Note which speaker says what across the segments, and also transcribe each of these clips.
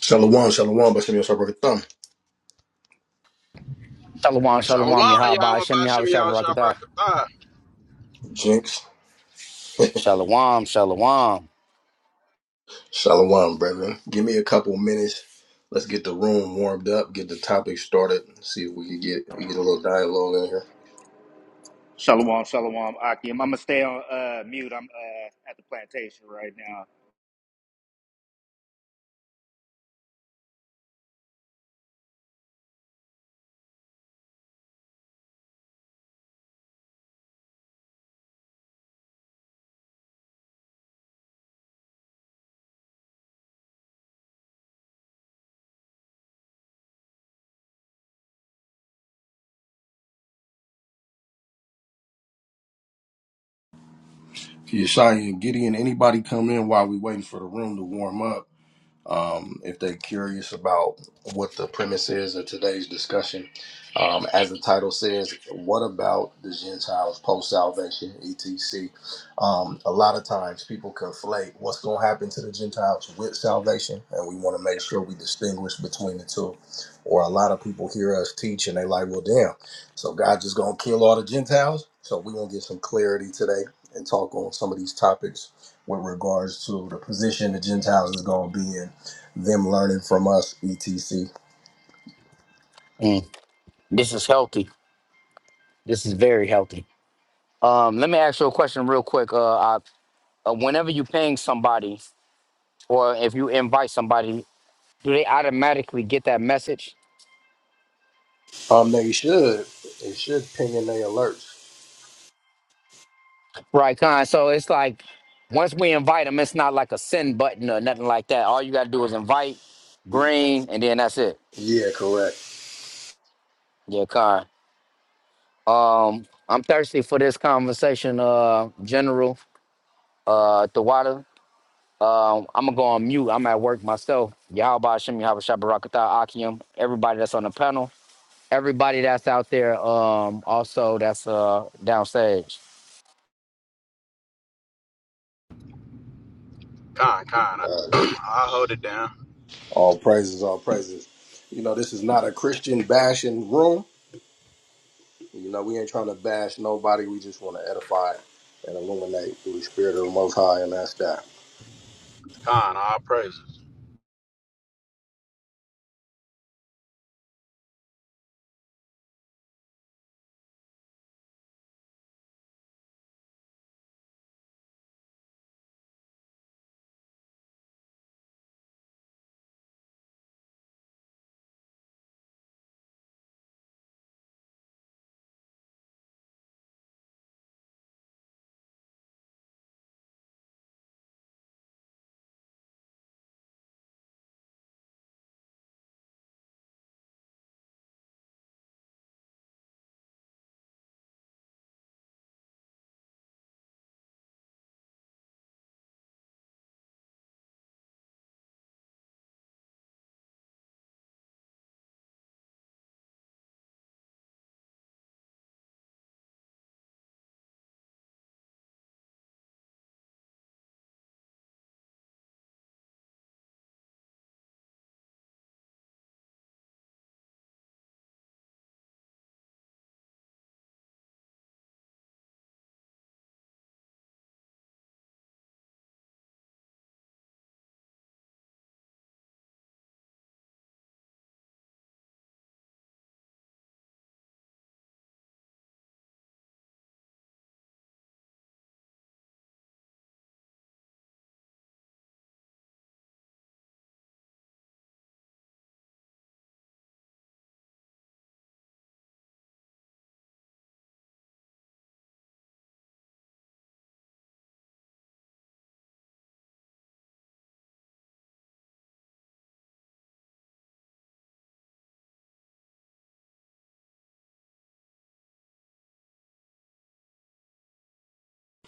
Speaker 1: Shalom, shalom, but send me your thumb.
Speaker 2: Shalom,
Speaker 3: Shalom,
Speaker 2: shalom,
Speaker 3: y'all.
Speaker 2: Yahaba,
Speaker 3: What
Speaker 2: Hashem,
Speaker 3: about
Speaker 2: Yahweh
Speaker 3: Shimmy, y'all?
Speaker 2: Shabbat, Rakatah.
Speaker 3: Shabrakatha.
Speaker 1: Jinx,
Speaker 2: Shalom, shalom.
Speaker 1: shalom, brethren. Give me a couple minutes. Let's get the room warmed up, get the topic started, see if we can get get a little dialogue in here.
Speaker 4: Shalom, shalom, Akim. I'm gonna stay on uh, mute. I'm uh, at the plantation right now.
Speaker 1: Yeshaya and Gideon, anybody come in while we waiting for the room to warm up? um, if they're curious about what the premise is of today's discussion. Um, as the title says, what about the Gentiles post salvation, etc.? Um, a lot of times people conflate what's going to happen to the Gentiles with salvation, and we want to make sure we distinguish between the two. Or a lot of people hear us teach and they like, well, damn, so God just going to kill all the Gentiles? So we going to get some clarity today and talk on some of these topics with regards to the position the Gentiles is going to be in them learning from us, etc.
Speaker 2: Mm, this is healthy. This is very healthy. Um, let me ask you a question real quick. Uh, I, uh, whenever you ping somebody or if you invite somebody, do they automatically get that message?
Speaker 1: Um, they should. They should ping in their alerts.
Speaker 2: Right, Con. So it's like once we invite them, it's not like a send button or nothing like that. All you got to do is invite, green, and then that's it.
Speaker 1: Yeah, correct.
Speaker 2: Yeah, Con. Um, I'm thirsty for this conversation, uh, General uh, Tawada. Um, I'm gonna go on mute. I'm at work myself. Yahweh Shem Yahabashah Barakatah Akim. Everybody that's on the panel, everybody that's out there, um, also that's uh downstage.
Speaker 3: Khan, Khan.
Speaker 1: Uh,
Speaker 3: I'll hold it down.
Speaker 1: all praises, all praises. You know, this is not a Christian bashing room. You know, we ain't trying to bash nobody. We just want to edify and illuminate through the spirit of the Most High, and that's that.
Speaker 3: Khan, all praises.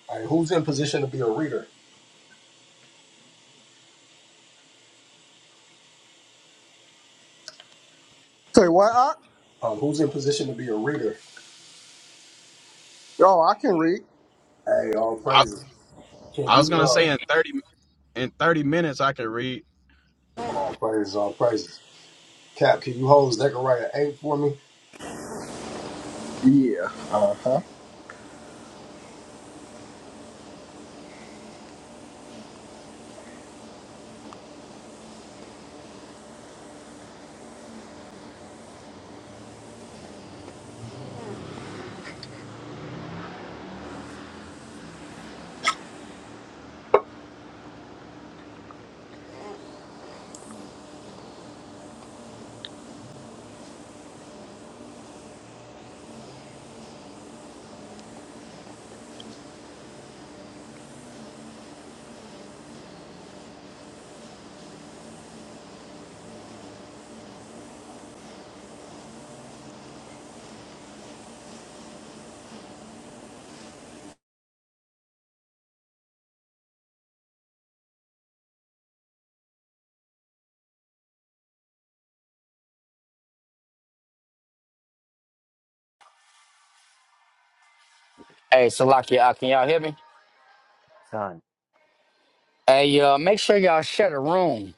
Speaker 1: All right, who's in position to be a reader?
Speaker 5: Say what? Ock?
Speaker 1: Um, who's in position to be a reader?
Speaker 5: oh, I can read.
Speaker 1: Hey, all
Speaker 3: I,
Speaker 1: praises. Can
Speaker 3: I was
Speaker 1: you
Speaker 3: gonna
Speaker 1: uh,
Speaker 3: say in thirty in thirty minutes I can read.
Speaker 1: all praises, all praises. Cap, can you hold Zechariah eight for me?
Speaker 5: Yeah.
Speaker 2: Hey, Salaki Akim, y'all hear me?
Speaker 6: Con.
Speaker 2: Hey, uh, make sure y'all share the room.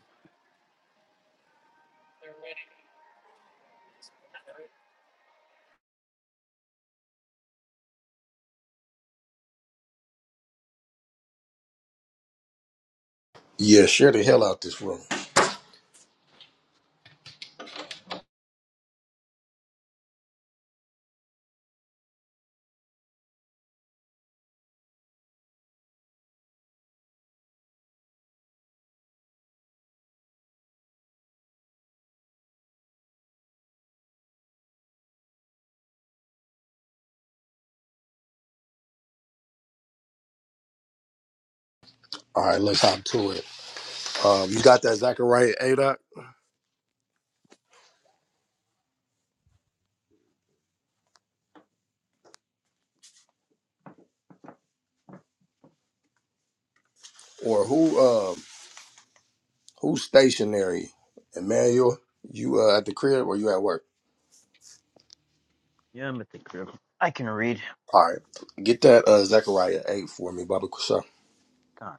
Speaker 1: Yeah, share the hell out this room. All right, let's hop to it. Um, you got that Zachariah Adoc or who? Uh, who's stationary? Emmanuel, you uh, at the crib or you at work?
Speaker 6: Yeah, I'm at the crib. I can read.
Speaker 1: All right, get that uh, Zechariah eight for me, Baba Kusha,
Speaker 6: Con.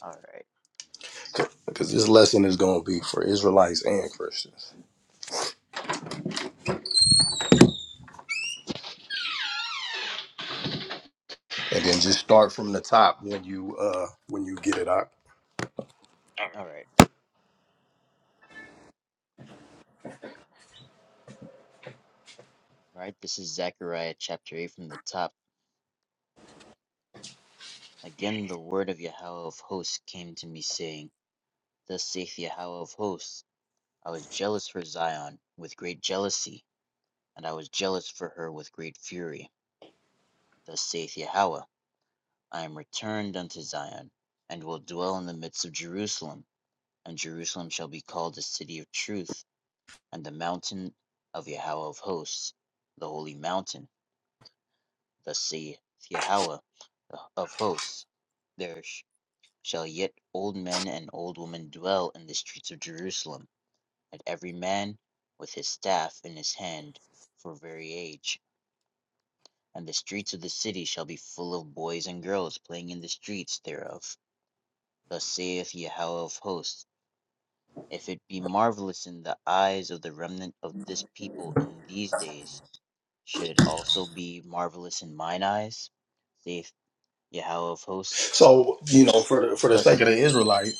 Speaker 6: All right.
Speaker 1: because this lesson is going to be for Israelites and Christians. And then just start from the top when you uh, when you get it out.
Speaker 6: All right. All right. This is Zechariah chapter 8 from the top. Again, the word of Yahweh of hosts came to me, saying, Thus saith Yahweh of hosts, I was jealous for Zion with great jealousy, and I was jealous for her with great fury. Thus saith Yahweh, I am returned unto Zion, and will dwell in the midst of Jerusalem, and Jerusalem shall be called a city of truth, and the mountain of Yahweh of hosts, the holy mountain. the sea, the Yahweh of hosts. There sh- shall yet old men and old women dwell in the streets of Jerusalem, and every man with his staff in his hand for very age. And the streets of the city shall be full of boys and girls playing in the streets thereof. Thus saith Yahweh of hosts, If it be marvelous in the eyes of the remnant of this people in these days, should it also be marvelous in mine eyes? saith Yahweh of hosts.
Speaker 1: So you know, for for the sake
Speaker 6: Thus,
Speaker 1: of the
Speaker 6: Hmm?
Speaker 1: Israelite,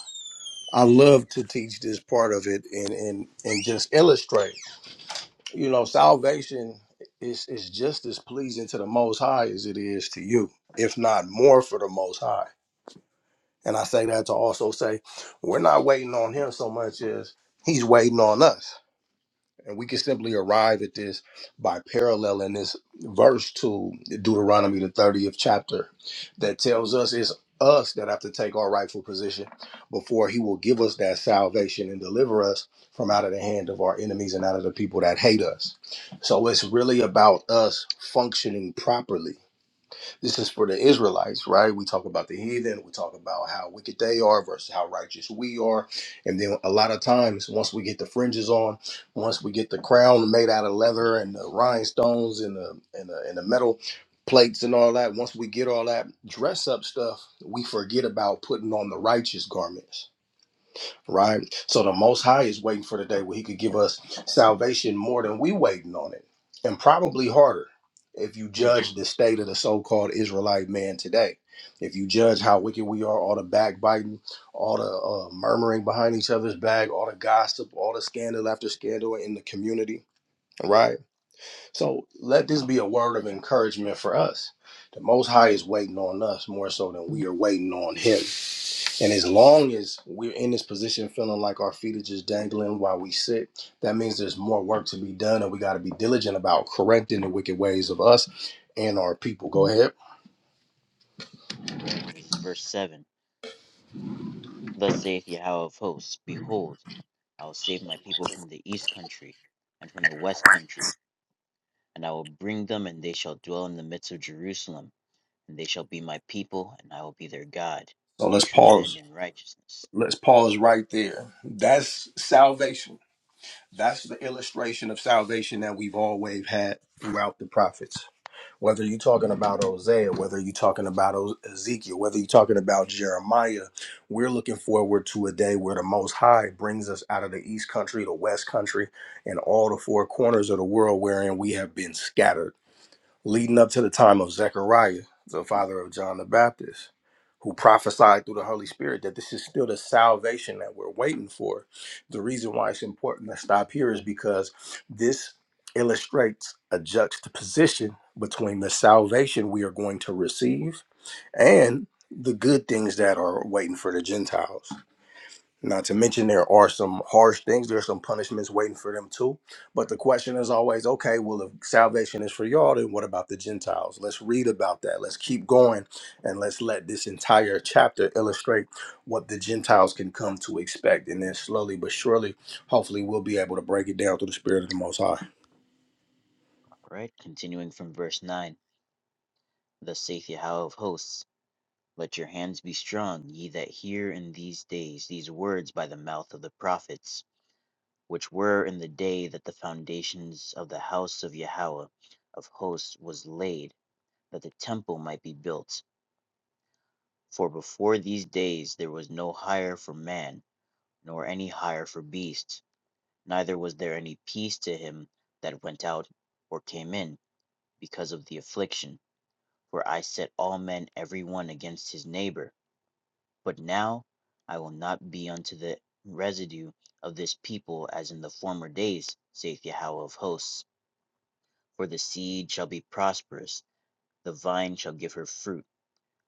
Speaker 1: I love to teach this part of it and and and just illustrate. You know, salvation is is just as pleasing to the Most High as it is to you, if not more for the Most High. And I say that to also say we're not waiting on Him so much as He's waiting on us. And we can simply arrive at this by paralleling this verse to Deuteronomy, the 30th chapter, that tells us it's us that have to take our rightful position before he will give us that salvation and deliver us from out of the hand of our enemies and out of the people that hate us. So it's really about us functioning properly this is for the Israelites, right? We talk about the heathen, we talk about how wicked they are versus how righteous we are. And then a lot of times, once we get the fringes on, once we get the crown made out of leather and the rhinestones and the and the, and the metal plates and all that, once we get all that dress up stuff, we forget about putting on the righteous garments right? So the Most High is waiting for the day where He could give us salvation more than we waiting on it, and probably harder. If you
Speaker 6: Hmm,
Speaker 1: judge the state of the so-called Israelite man today, if you judge how wicked we are, all the backbiting, all the uh, murmuring behind each other's back, all the gossip, all the scandal after scandal in the community, right? So let this be a word of encouragement for us. The Most High is waiting on us more so than we are waiting on Him and as long as we're in this position feeling like our feet are just dangling while we sit, that means there's more work to be done and we got to be diligent about correcting the wicked ways of us and our people. Go ahead.
Speaker 6: right, this is verse 7. Thus saith Yahweh of hosts, Behold, I will save my people from the east country and from the west country, and I will bring them, and they shall dwell in the midst of Jerusalem, and they shall be my people, and I will be their God,
Speaker 1: So
Speaker 6: in
Speaker 1: let's
Speaker 6: truth and
Speaker 1: pause.
Speaker 6: in righteousness.
Speaker 1: Let's pause right there. That's salvation. That's the illustration of salvation that we've always had throughout the prophets. Whether you're talking about Hosea, whether you're talking about O- Ezekiel, whether you're talking about Jeremiah, we're looking forward to a day where the Most High brings us out of the East Country, the West Country, and all the four corners of the world wherein we have been scattered leading up to the time of Zechariah, the father of John the Baptist, who prophesied through the Holy Spirit that this is still the salvation that we're waiting for. The reason why it's important to stop here is because this illustrates a juxtaposition between the salvation we are going to receive and the good things that are waiting for the Gentiles. Not to mention, there are some harsh things. There are some punishments waiting for them too. But the question is always, okay, well, if salvation is for y'all, then what about the Gentiles? Let's read about that. Let's keep going, and let's let this entire chapter illustrate what the Gentiles can come to expect. And then slowly but surely, hopefully, we'll be able to break it down through the Spirit of the Most High.
Speaker 6: Alright, continuing from verse 9. Thus saith Yahweh of hosts, Let your hands be strong, ye that hear in these days these words by the mouth of the prophets. which were in the day that the foundations of the house of Yahweh of hosts was laid, that the temple might be built. For before these days there was no hire for man, nor any hire for beast, neither was there any peace to him that went out or came in, because of the affliction. For I set all men every one against his neighbor. But now I will not be unto the residue of this people as in the former days, saith Yahweh of hosts For the seed shall be prosperous, the vine shall give her fruit,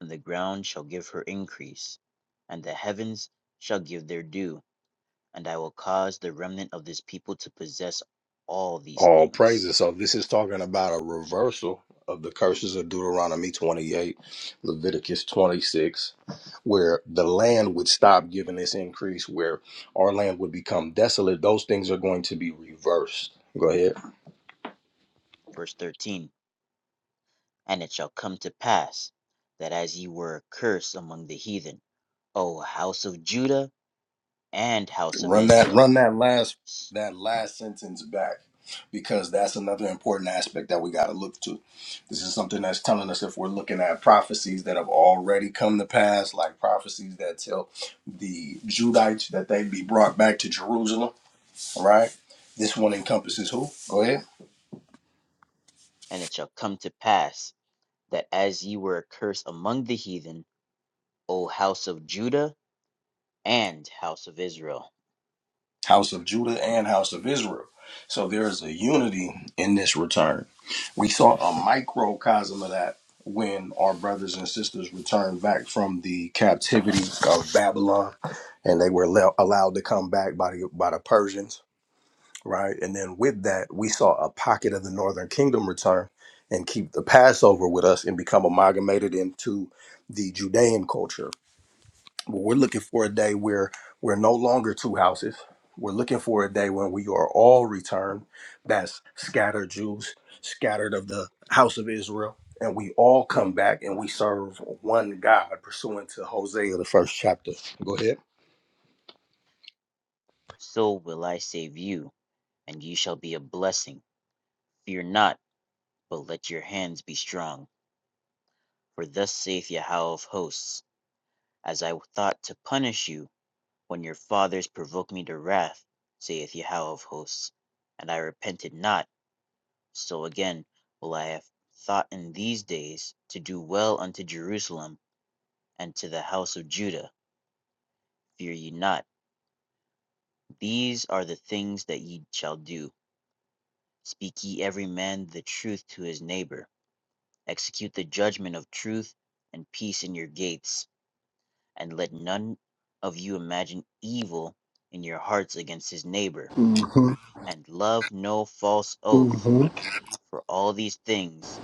Speaker 6: and the ground shall give her increase, and the heavens shall give their dew, and I will cause the remnant of this people to possess all these
Speaker 1: All
Speaker 6: things.
Speaker 1: praises. So this is talking about a reversal of the curses of Deuteronomy 28, Leviticus 26, where the land would stop giving this increase, where our land would become desolate. Those things are going to be reversed. Go ahead.
Speaker 6: Verse 13 And it shall come to pass that as ye were a curse among the heathen, O house of Judah and house of
Speaker 1: Run that
Speaker 6: Israel.
Speaker 1: run that last that last sentence back because that's another important aspect that we got to look to. This is something that's telling us if we're looking at prophecies that have already come to pass, like prophecies that tell the Judites that they'd be brought back to Jerusalem, all right? This one encompasses who? Go ahead.
Speaker 6: And it shall come to pass that as ye were a curse among the heathen, O house of Judah And, house of Israel,
Speaker 1: house of Judah and house of Israel. So there is a unity in this return. We saw a microcosm of that when our brothers and sisters returned back from the captivity of Babylon and they were le- allowed to come back by the, by the Persians, right? And then with that, we saw a pocket of the northern kingdom return and keep the Passover with us and become amalgamated into the Judean culture but we're looking for a day where we're no longer two houses. We're looking for a day when we are all returned. That's scattered Jews, scattered of the house of Israel. And we all come back and we serve one God, pursuant to Hosea, the first chapter. Go ahead.
Speaker 6: so will I save you, and ye shall be a blessing. Fear not, but let your hands be strong. For thus saith Yahweh of hosts, as I thought to punish you when your fathers provoked me to wrath, saith Yahweh of hosts, and I repented not, so again will I have thought in these days to do well unto Jerusalem and to the house of Judah. Fear ye not, these are the things that ye shall do. Speak ye every man the truth to his neighbor. Execute the judgment of truth and peace in your gates, and let none of you imagine evil in your hearts against his neighbor.
Speaker 5: hmm
Speaker 6: And love no false oath,
Speaker 5: hmm
Speaker 6: for all these things,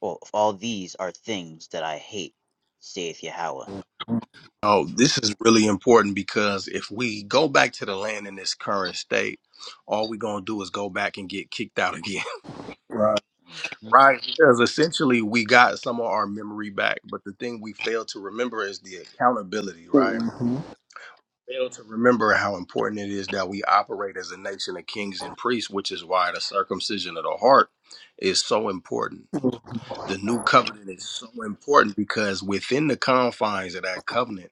Speaker 6: or all these are things that I hate, saith Yahweh.
Speaker 1: Oh, this is really important because if we go back to the land in this current state, all we're going to do is go back and get kicked out again.
Speaker 5: Right.
Speaker 6: hmm
Speaker 1: Right, because essentially we got some of our memory back, but the thing we fail to remember is the accountability, right?
Speaker 5: hmm
Speaker 1: Fail to remember how important it is that we operate as a nation of kings and priests, which is why the circumcision of the heart is so important. The new covenant is so important because within the confines of that covenant,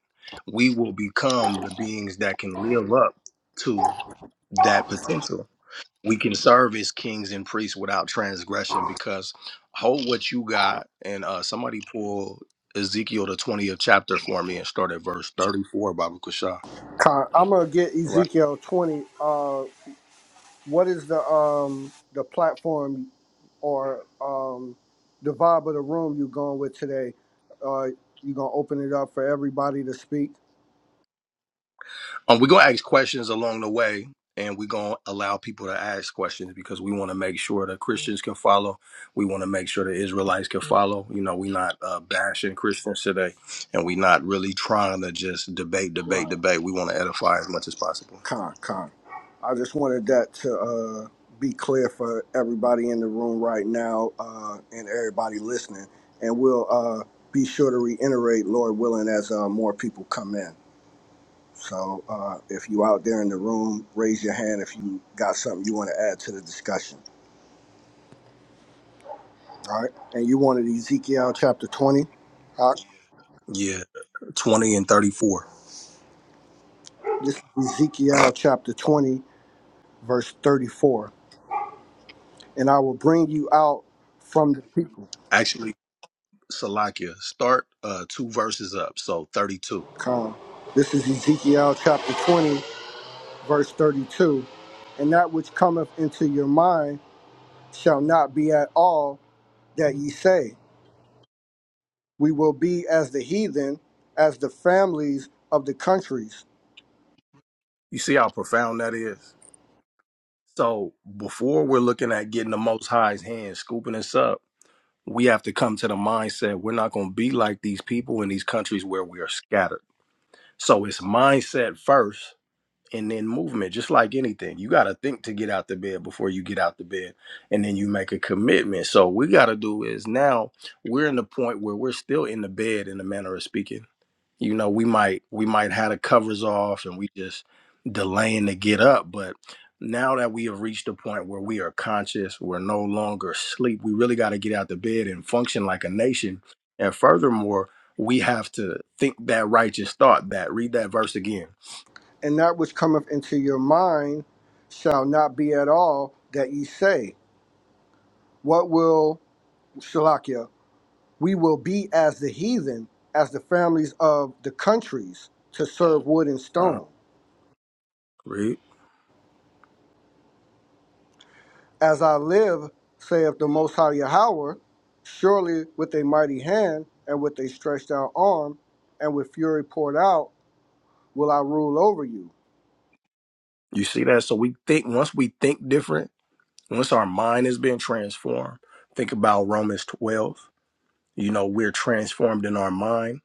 Speaker 1: we will become the beings that can live up to that potential we can serve as kings and priests without transgression because hold what you got and uh somebody pull ezekiel the 20th chapter for me and start at verse 34 baba kusha
Speaker 5: I'm gonna get
Speaker 1: right
Speaker 5: Ezekiel 20. Uh, what is the um the platform or um the vibe of the room you going with today? Uh, you gonna open it up for everybody to speak?
Speaker 1: um we're gonna ask questions along the way and we're gonna allow people to ask questions because we want to make sure that christians can follow we want to make sure the israelites can follow you know we're not uh, bashing christians today and we're not really trying to just debate debate
Speaker 5: Right.
Speaker 1: debate we want to edify as much as possible
Speaker 5: Con, con. I just wanted that to uh, be clear for everybody in the room right now uh, and everybody listening. And we'll uh, be sure to reiterate, Lord willing, as uh, more people come in. So uh, if you out there in the room, raise your hand if you got something you want to add to the discussion. All right. And you wanted Ezekiel chapter 20. Uh,
Speaker 1: yeah 20 and 34
Speaker 5: this is Ezekiel chapter 20, verse 34. And I will bring you out from the people.
Speaker 1: Actually, Salakia, start uh, two verses up, so 32.
Speaker 5: Con. This is Ezekiel chapter 20, verse 32. And that which cometh into your mind shall not be at all that ye say. We will be as the heathen, as the families of the countries.
Speaker 1: You see how profound that is? So before we're looking at getting the Most High's hand scooping us up, we have to come to the mindset we're not going to be like these people in these countries where we are scattered. So it's mindset first and then movement, just like anything. You got to think to get out the bed before you get out the bed, and then you make a commitment. So we got to do is now we're in the point where we're still in the bed in the manner of speaking you know we might we might have the covers off and we just delaying to get up but now that we have reached a point where we are conscious we're no longer asleep we really got to get out the bed and function like a nation and furthermore we have to think that righteous thought that read that verse again
Speaker 5: And that which cometh into your mind shall not be at all that ye say. What will, Shalakia, we will be as the heathen, as the families of the countries, to serve wood and
Speaker 1: uh,
Speaker 5: stone.
Speaker 1: read
Speaker 5: As I live, saith the Most High Yahweh, surely with a mighty hand and with a stretched out arm and with fury poured out will I rule over you.
Speaker 1: you see that so we think once we think different once our mind has been transformed think about romans 12 you know we're transformed in our mind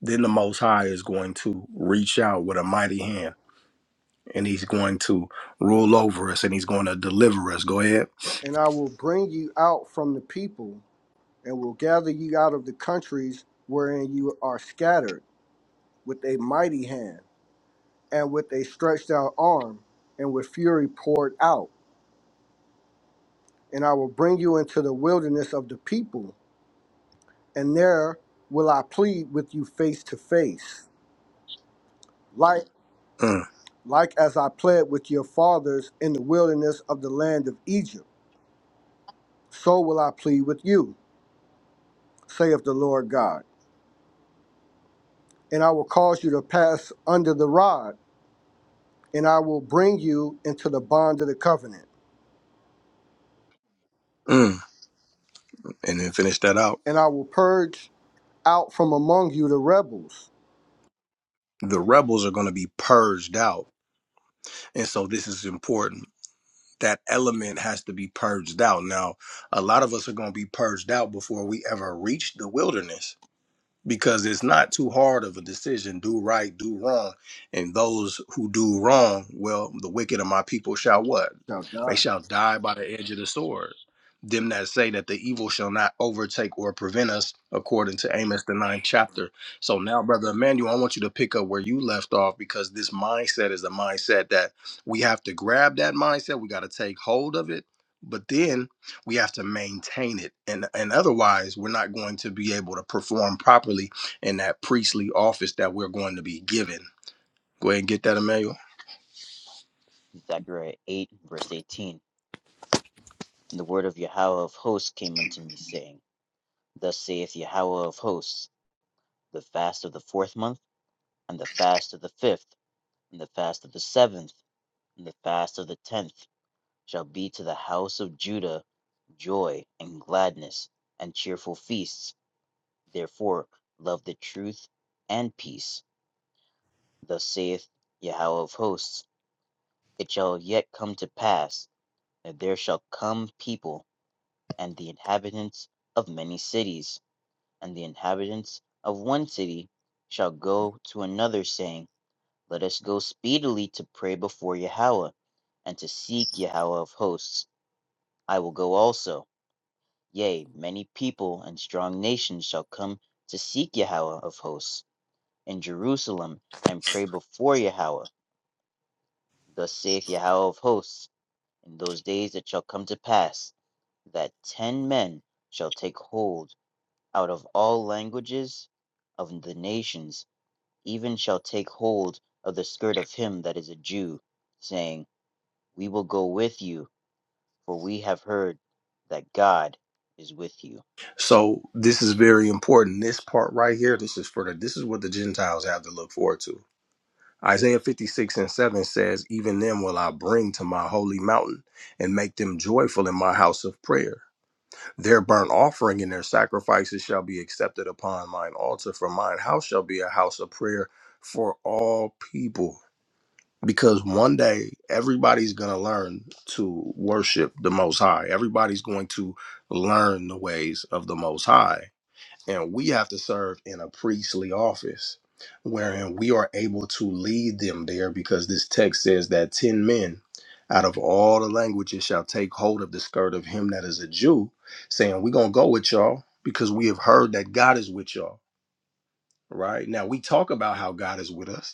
Speaker 1: then the Most High is going to reach out with a mighty hand and he's going to rule over us and he's going to deliver us. Go ahead.
Speaker 5: And I will bring you out from the people and will gather you out of the countries wherein you are scattered with a mighty hand and with a stretched out arm and with fury poured out. And I will bring you into the wilderness of the people, and there will I plead with you face to face like.
Speaker 1: Mm,
Speaker 5: Like as I pled with your fathers in the wilderness of the land of Egypt, so will I plead with you, saith the Lord God. And I will cause you to pass under the rod, and I will bring you into the bond of the covenant,
Speaker 1: mm. And then finish that out.
Speaker 5: and I will purge out from among you the rebels.
Speaker 1: The rebels are going to be purged out. And so this is important. That element has to be purged out. Now, a lot of us are going to be purged out before we ever reach the wilderness because it's not too hard of a decision do right do wrong and those who do wrong well the wicked of my people shall what
Speaker 5: Shall
Speaker 1: they
Speaker 5: die.
Speaker 1: shall die by the edge of the sword them that say that the evil shall not overtake or prevent us according to amos the ninth chapter so now brother emmanuel i want you to pick up where you left off because this mindset is a mindset that we have to grab that mindset we got to take hold of it but then we have to maintain it and and otherwise we're not going to be able to perform properly in that priestly office that we're going to be given go ahead and get that emmanuel
Speaker 6: Zechariah 8, verse 18. And the word of Yahweh of hosts came unto me, saying, Thus saith Yahweh of hosts, the fast of the fourth month and the fast of the fifth, and the fast of the seventh, and the fast of the tenth shall be to the house of Judah joy and gladness and cheerful feasts. Therefore, love the truth and peace. Thus saith Yahweh of hosts It shall yet come to pass that there shall come people, and the inhabitants of many cities, and the inhabitants of one city shall go to another, saying, Let us go speedily to pray before Yahweh, and to seek Yahweh of hosts. I will go also. Yea, many people and strong nations shall come to seek Yahweh of hosts in Jerusalem, and pray before Yahweh. Thus saith Yahweh of hosts, In those days it shall come to pass, that ten men shall take hold out of all languages of the nations, even shall take hold of the skirt of him that is a Jew, saying, We will go with you, for we have heard that God is with you.
Speaker 1: so this is very important this part right here this is for the this is what the gentiles have to look forward to isaiah 56 and 7 says even them will i bring to my holy mountain and make them joyful in my house of prayer Their burnt offering and their sacrifices shall be accepted upon mine altar, for mine house shall be a house of prayer for all people. Because one day everybody's going to learn to worship the Most High, everybody's going to learn the ways of the Most High and we have to serve in a priestly office wherein we are able to lead them there because this text says that 10 men out of all the languages shall take hold of the skirt of him that is a Jew saying we're going to go with y'all because we have heard that God is with y'all right now we talk about how God is with us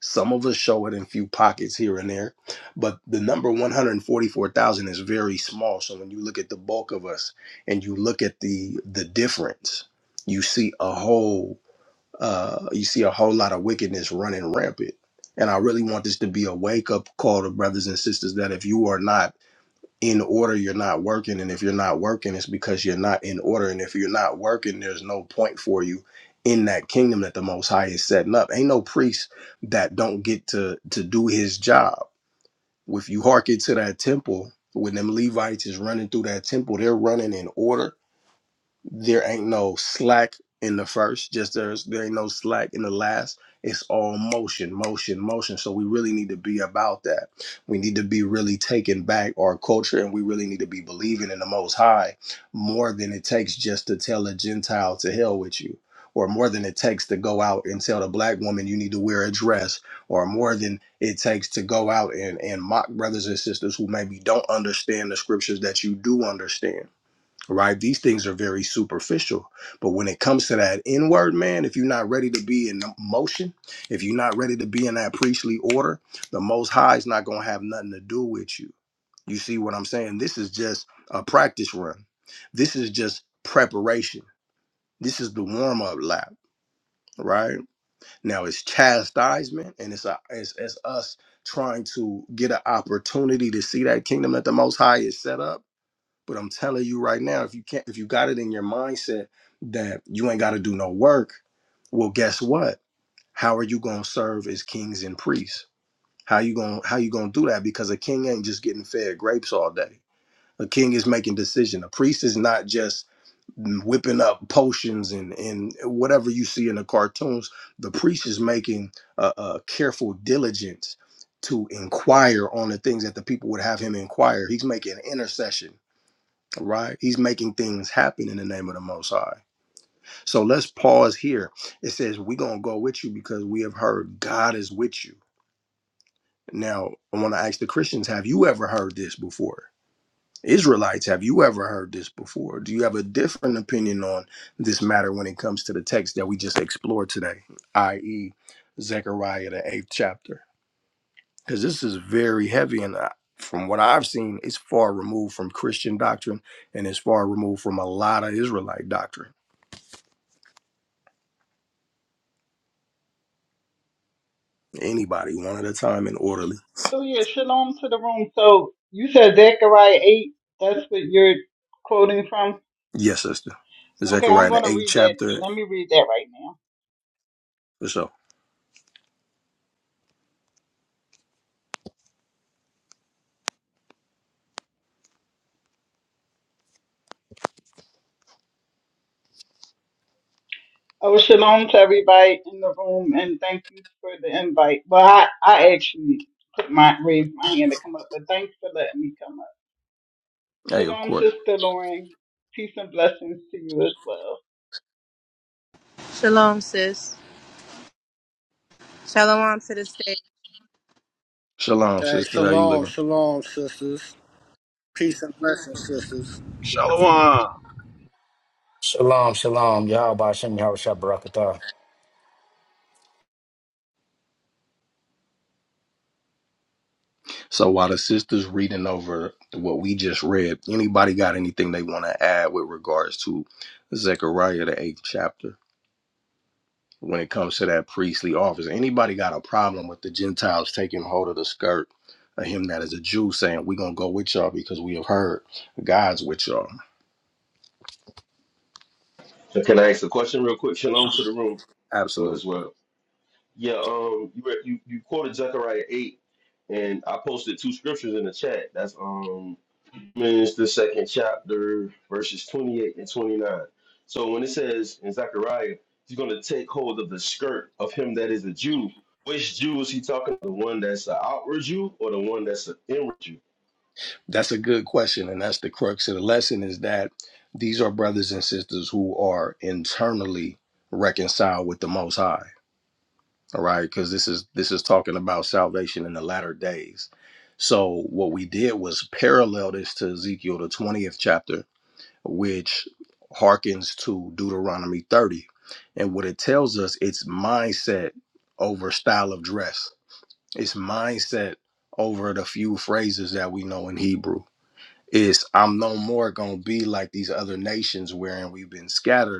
Speaker 1: some of us show it in few pockets here and there, but the number 144,000 is very small. So when you look at the bulk of us and you look at the the difference, you see a whole uh, you see a whole lot of wickedness running rampant. And I really want this to be a wake up call to brothers and sisters that if you are not in order you're not working and if you're not working it's because you're not in order and if you're not working there's no point for you in that kingdom that the most high is setting up ain't no priest that don't get to to do his job if you hearken to that temple when them levites is running through that temple they're running in order there ain't no slack in the first just there's there ain't no slack in the last it's all motion motion motion so we really need to be about that we need to be really taking back our culture and we really need to be believing in the most high more than it takes just to tell a gentile to hell with you or more than it takes to go out and tell the black woman you need to wear a dress or more than it takes to go out and, and mock brothers and sisters who maybe don't understand the scriptures that you do understand right? These things are very superficial. But when it comes to that inward man, if you're not ready to be in motion, if you're not ready to be in that priestly order, the Most High is not going to have nothing to do with you. You see what I'm saying? This is just a practice run. This is just preparation. This is the warm up lap, right? Now it's chastisement and it's, a, it's, it's us trying to get an opportunity to see that kingdom that the Most High is set up but I'm telling you right now, if you can't, if you got it in your mindset that you ain't got to do no work, well, guess what? How are you gonna serve as kings and priests? How you gonna how you gonna do that? Because a king ain't just getting fed grapes all day. A king is making decision. A priest is not just mm, whipping up potions and and whatever you see in the cartoons. The priest is making a, a careful diligence to inquire on the things that the people would have him inquire. He's making intercession right? He's making things happen in the name of the Most High. So let's pause here. It says, We're going to go with you because we have heard God is with you. Now, I want to ask the Christians, have you ever heard this before? Israelites, have you ever heard this before? Do you have a different opinion on this matter when it comes to the text that we just explored today, i.e., Zechariah, the eighth chapter? Because this is very heavy, and I- from what I've seen, it's far removed from Christian doctrine and it's far removed from a lot of Israelite doctrine. Anybody, one at a time and orderly.
Speaker 7: So yeah, shalom to the room. So you said Zechariah eight. That's what you're quoting from.
Speaker 1: Yes, sister.
Speaker 7: Okay, I'm
Speaker 1: Zechariah
Speaker 7: going
Speaker 1: the
Speaker 7: to
Speaker 1: eighth
Speaker 7: read that.
Speaker 1: chapter.
Speaker 7: Let me read that right now.
Speaker 1: For sure.
Speaker 7: Oh, shalom to everybody in the room, and thank you for the invite. Well, I, I actually put my raised my hand to come up, but thanks for letting me come up.
Speaker 1: Hey, of
Speaker 7: Shalom,
Speaker 1: course.
Speaker 7: sister Lauren. Peace and blessings to you as well.
Speaker 8: Shalom, sis. Shalom to the stage.
Speaker 1: Shalom,
Speaker 5: Hey,
Speaker 1: sister. How you
Speaker 5: shalom,
Speaker 1: living?
Speaker 5: shalom, sisters. Peace and blessings, sisters.
Speaker 3: Shalom.
Speaker 2: Shalom, shalom, Yahweh Shem Yahabashah Barakatah.
Speaker 1: So while the sister's reading over what we just read, anybody got anything they want to add with regards to Zechariah the eighth chapter? When it comes to that priestly office, anybody got a problem with the Gentiles taking hold of the skirt of him that is a Jew saying, We're gonna go with y'all because we have heard God's with y'all.
Speaker 9: So Can I ask a question real quick? Shalom to the room uh,
Speaker 1: Absolutely.
Speaker 9: as well. Yeah, um, you, re- you you quoted Zechariah eight, and I posted two scriptures in the chat. That's um, Romans the second chapter, verses twenty eight and twenty nine. So when it says in Zechariah, he's going to take hold of the skirt of him that is a Jew. Which Jew is he talking? The one that's an outward Jew or the one that's an inward Jew?
Speaker 1: That's a good question, and that's the crux of the lesson is that these are brothers and sisters who are internally reconciled with the Most High. All right, because this is this is talking about salvation in the latter days. So what we did was parallel this to Ezekiel the twentieth chapter, which harkens to Deuteronomy thirty, and what it tells us it's mindset over style of dress. It's mindset over the few phrases that we know in Hebrew is I'm no more gonna be like these other nations wherein we've been scattered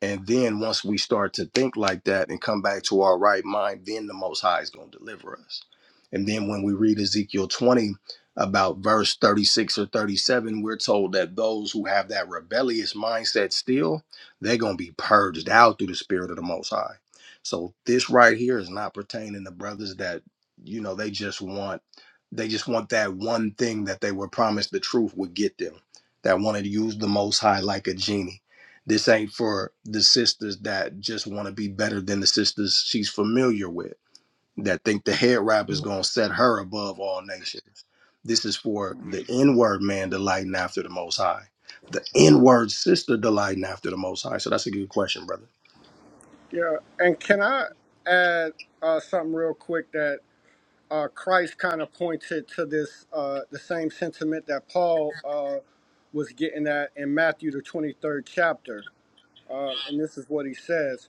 Speaker 1: and then once we start to think like that and come back to our right mind, then the Most High is going to deliver us. And then when we read Ezekiel 20, about verse 36 or 37, we're told that those who have that rebellious mindset still, they're going to be purged out through the Spirit of the Most High. So this right here is not pertaining to brothers that, you know, they just want. They just want that one thing that they were promised the truth would get them. That wanted to use the Most High like a genie this ain't for the sisters that just want to be better than the sisters she's familiar with, that think the head wrap is going to set her above all nations. This is for the inward man delighting after the Most High, the inward sister delighting after the Most High. So that's a good question, brother.
Speaker 5: Yeah, and can I add uh, something real quick that uh, Christ kind of pointed to this uh, the same sentiment that Paul uh, was getting at in Matthew the twenty third chapter, and this is what he says.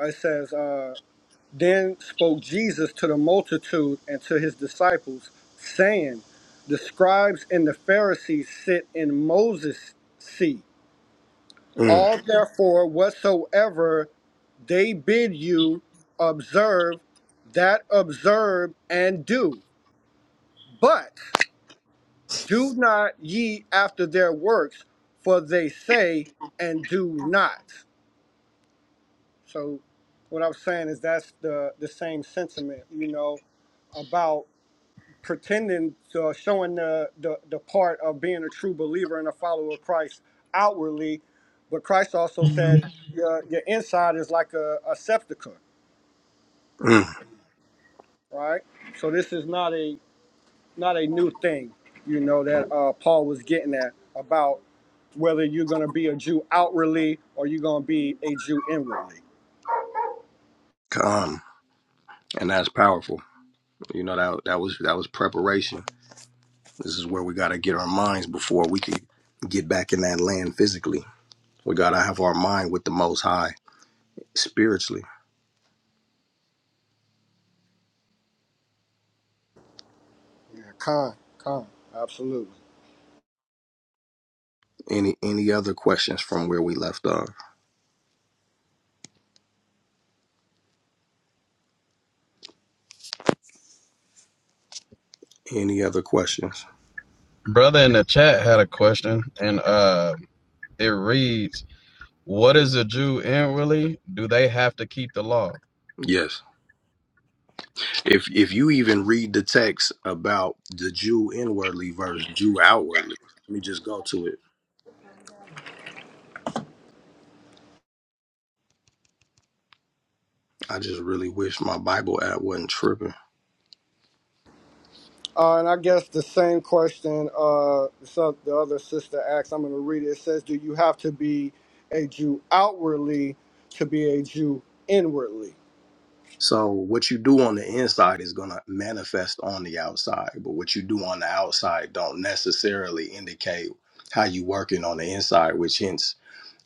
Speaker 5: Uh, It says, uh, "Then spoke Jesus to the multitude and to his disciples, saying, The scribes and the Pharisees sit in Moses' seat.
Speaker 1: Mm,
Speaker 5: All therefore whatsoever they bid you observe, that observe and do. But." Do not ye after their works, for they say and do not. So, what I'm saying is that's the the same sentiment, you know, about pretending to showing the, the the part of being a true believer and a follower of Christ outwardly, but Christ also said your your inside is like a, a septica,
Speaker 1: mm,
Speaker 5: right? So this is not a not a new thing, you know, that uh, Paul was getting at about whether you're going to be a Jew outwardly or you're going to be a Jew inwardly.
Speaker 1: come. And that's powerful. You know that that was that was preparation. This is where we got to get our minds before we can get back in that land physically. We got to have our mind with the Most High spiritually
Speaker 5: Yeah, con, con, absolutely.
Speaker 1: Any any other questions from where we left off? Any other questions?
Speaker 3: Brother in the chat had a question, and uh, it reads, "What
Speaker 5: Yeah.
Speaker 3: is a Jew inwardly? Do they have to keep the law?"
Speaker 1: Yes. If if you even read the text about the Jew inwardly versus Jew outwardly, let me just go to it. I just really wish my Bible app wasn't tripping.
Speaker 5: Uh, and I guess the same question uh, so the other sister asked, I'm going to read it. It says, Do you have to be a Jew outwardly to be a Jew inwardly?
Speaker 1: So what you do on the inside is gonna manifest on the outside, but what you do on the outside don't necessarily indicate how you working on the inside, which hence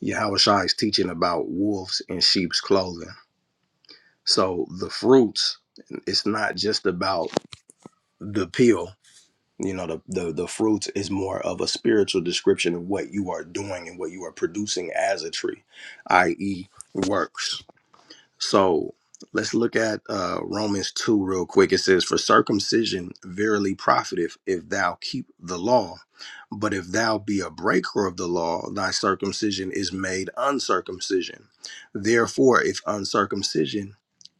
Speaker 1: Yahushua is teaching about wolves in sheep's clothing. So the fruits, it's not just about the peel. You know, the, the the fruits is more of a spiritual description of what you are doing and what you are producing as a tree, i.e., works. So let's look at uh, Romans 2 real quick. It says, For circumcision verily profiteth if thou keep the law. But if thou be a breaker of the law, thy circumcision is made uncircumcision. Therefore, if uncircumcision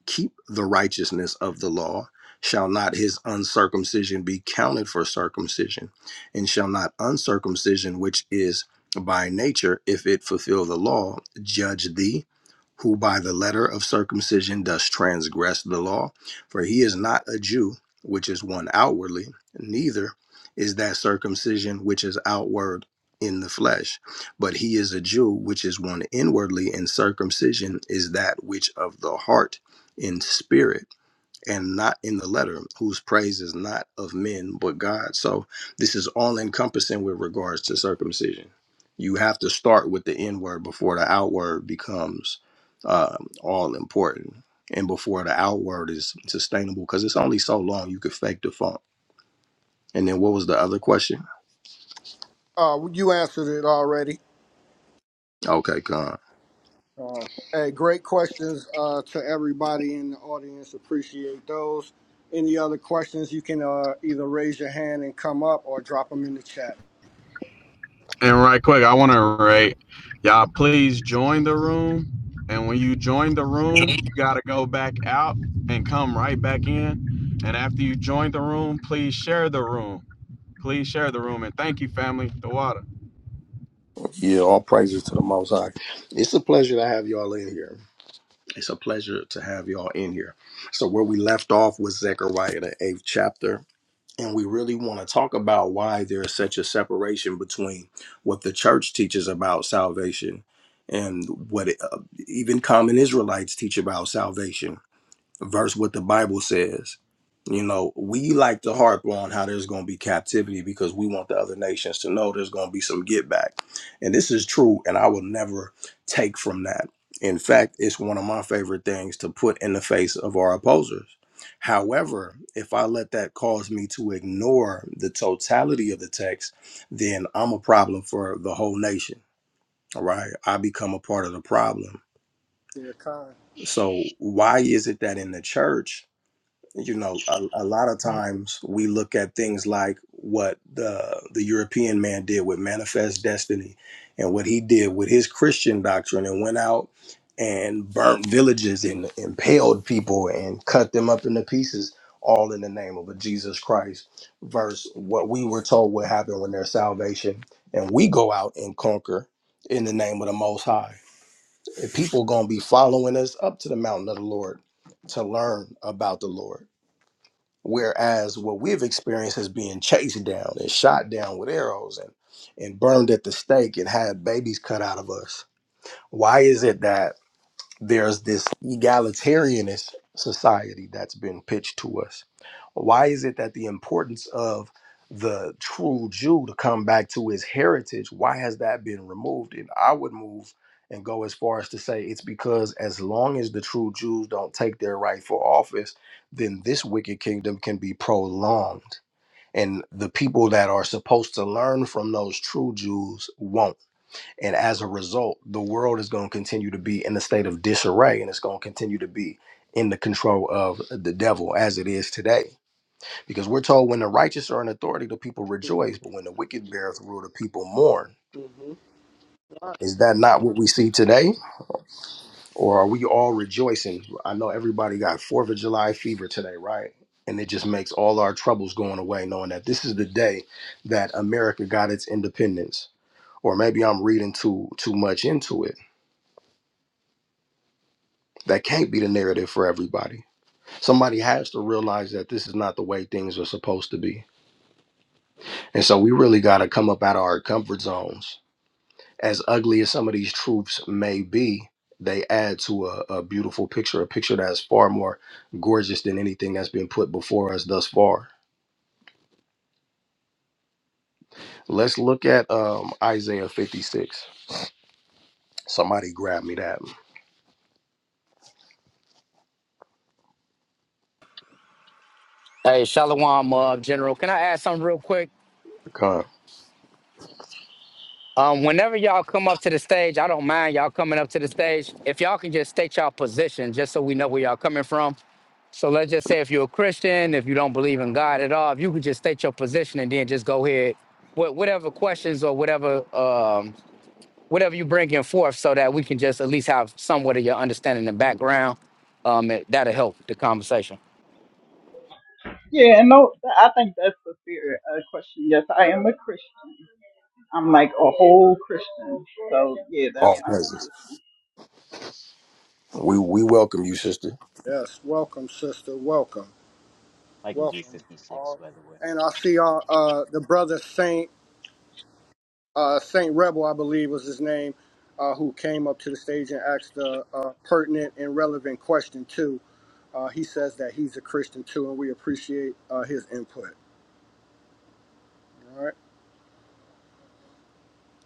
Speaker 1: keep the righteousness of the law, shall not his uncircumcision be counted for circumcision? And shall not uncircumcision, which is by nature, if it fulfill the law, judge thee? who by the letter of circumcision does transgress the law, for he is not a Jew, which is one outwardly, neither is that circumcision which is outward in the flesh, but he is a Jew, which is one inwardly, and circumcision is that which of the heart in spirit and not in the letter, whose praise is not of men but God. So this is all encompassing with regards to circumcision. You have to start with the inward before the outward becomes um, all important, and before the outward is sustainable, because it's only so long you could fake the funk. And then what was the other question?
Speaker 5: Uh, you answered it already.
Speaker 1: Okay, con.
Speaker 5: Uh, hey, great questions uh, to everybody in the audience. Appreciate those. Any other questions, you can uh, either raise your hand and come up or drop them in the chat.
Speaker 3: And right quick, I want to rate y'all. Please join the room, and when you join the room, you gotta go back out and come right back in. And after you join the room, please share the room. Please share the room, and thank you, family. The water.
Speaker 1: Yeah, all praises to the Most High. It's a pleasure to have y'all in here. It's a pleasure to have y'all in here. So where we left off was Zechariah the eighth chapter and we really want to talk about why there is such a separation between what the church teaches about salvation and what it, uh, even common Israelites teach about salvation versus what the Bible says. You know, we like to harp on how there's going to be captivity because we want the other nations to know there's going to be some get back. And this is true, and I will never take from that. In fact, it's one of my favorite things to put in the face of our opposers. However, if I let that cause me to ignore the totality of the text, then I'm a problem for the whole nation. All right. I become a part of the problem.
Speaker 5: Yeah, kind.
Speaker 1: So, why is it that in the church, you know a, a lot of times we look at things like what the the european man did with manifest destiny and what he did with his christian doctrine and went out and burnt villages and impaled people and cut them up into pieces all in the name of a jesus christ versus what we were told would happen when there's salvation and we go out and conquer in the name of the most high If people gonna be following us up to the mountain of the lord to learn about the lord Whereas what we've experienced is being chased down and shot down with arrows and, and burned at the stake and had babies cut out of us. Why is it that? there's this egalitarianist society that's been pitched to us. Why is it that the importance of the true Jew to come back to his heritage, why has that been removed? And I would move and go as far as to say it's because as long as the true Jews don't take their rightful office, then this wicked kingdom can be prolonged. And the people that are supposed to learn from those true Jews won't and as a result, the world is going to continue to be in a state of disarray and it's going to continue to be in the control of the devil as it is today. Because we're told when the righteous are in authority, the people rejoice, but
Speaker 5: Mm-hmm.
Speaker 1: when the wicked beareth rule, the people mourn.
Speaker 5: Mm-hmm. All right.
Speaker 1: Is that not what we see today? Or are we all rejoicing? I know everybody got 4th of July fever today, right? And it just makes all our troubles going away, knowing that this is the day that America got its independence. Or maybe I'm reading too too much into it That can't be the narrative for everybody. Somebody has to realize that this is not the way things are supposed to be. And so we really got to come up out of our comfort zones. As ugly as some of these truths may be, they add to a, a beautiful picture, a picture that's far more gorgeous than anything that's been put before us thus far. Let's look at um, Isaiah 56. Somebody grab me that.
Speaker 2: Hey, Shalom, uh, General. Can I add something real quick?
Speaker 1: Come.
Speaker 2: Um, whenever y'all come up to the stage, I don't mind y'all coming up to the stage. If y'all can just state y'all position, just so we know where y'all coming from. So let's just say if you're a Christian, if you don't believe in God at all, if you could just state your position and then just go ahead with whatever questions or whatever um, whatever you bring in forth, so that we can just at least have somewhat of your understanding and background. Um, it- that'll help the conversation.
Speaker 7: Yeah, and no, I think that's a fair uh, question. Yes, I am a Christian. I'm like a whole Christian. So yeah, that's
Speaker 1: All
Speaker 7: my
Speaker 1: presence.
Speaker 7: position.
Speaker 1: We we welcome you, sister.
Speaker 5: Yes, welcome, sister. Welcome,
Speaker 6: I can do
Speaker 5: welcome.
Speaker 6: 56,
Speaker 5: All.
Speaker 6: by the way.
Speaker 5: And I see our uh, the brother Saint uh, Saint Rebel, I believe was his name, uh, who came up to the stage and asked a uh, pertinent and relevant question too. Uh, he says that he's a Christian too, and we appreciate uh, his input. All right.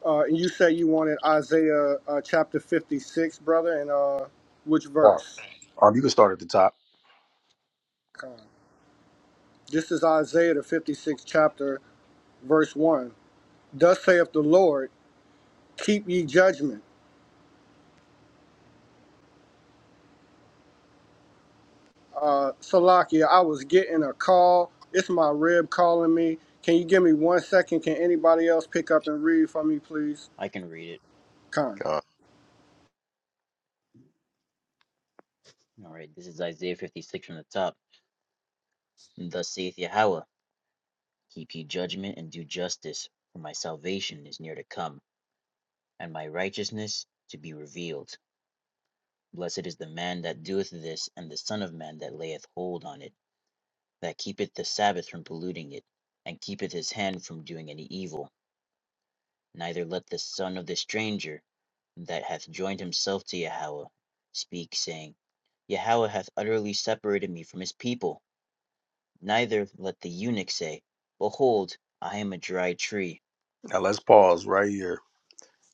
Speaker 5: Uh, and you say you wanted Isaiah uh, chapter 56, brother, and uh, which
Speaker 1: Come.
Speaker 5: verse?
Speaker 1: Um, you can start at the top.
Speaker 5: Come on. This is Isaiah the 56th chapter, verse 1. Thus saith the Lord, keep ye judgment. Uh, Salakia, I was getting a call. It's my rib calling me. Can you give me one second? Can anybody else pick up and read for me, please?
Speaker 6: I can read it.
Speaker 5: Con.
Speaker 1: Come.
Speaker 6: All right, this is Isaiah 56 from the top. Thus saith Yahweh, Keep ye judgment and do justice, for my salvation is near to come, and my righteousness to be revealed. Blessed is the man that doeth this, and the Son of Man that layeth hold on it, that keepeth the Sabbath from polluting it, and keepeth his hand from doing any evil neither let the son of the stranger that hath joined himself to Yahweh speak, saying, Yahweh hath utterly separated me from his people. Neither let the eunuch say, Behold, I am a dry tree.
Speaker 1: Now let's pause right here.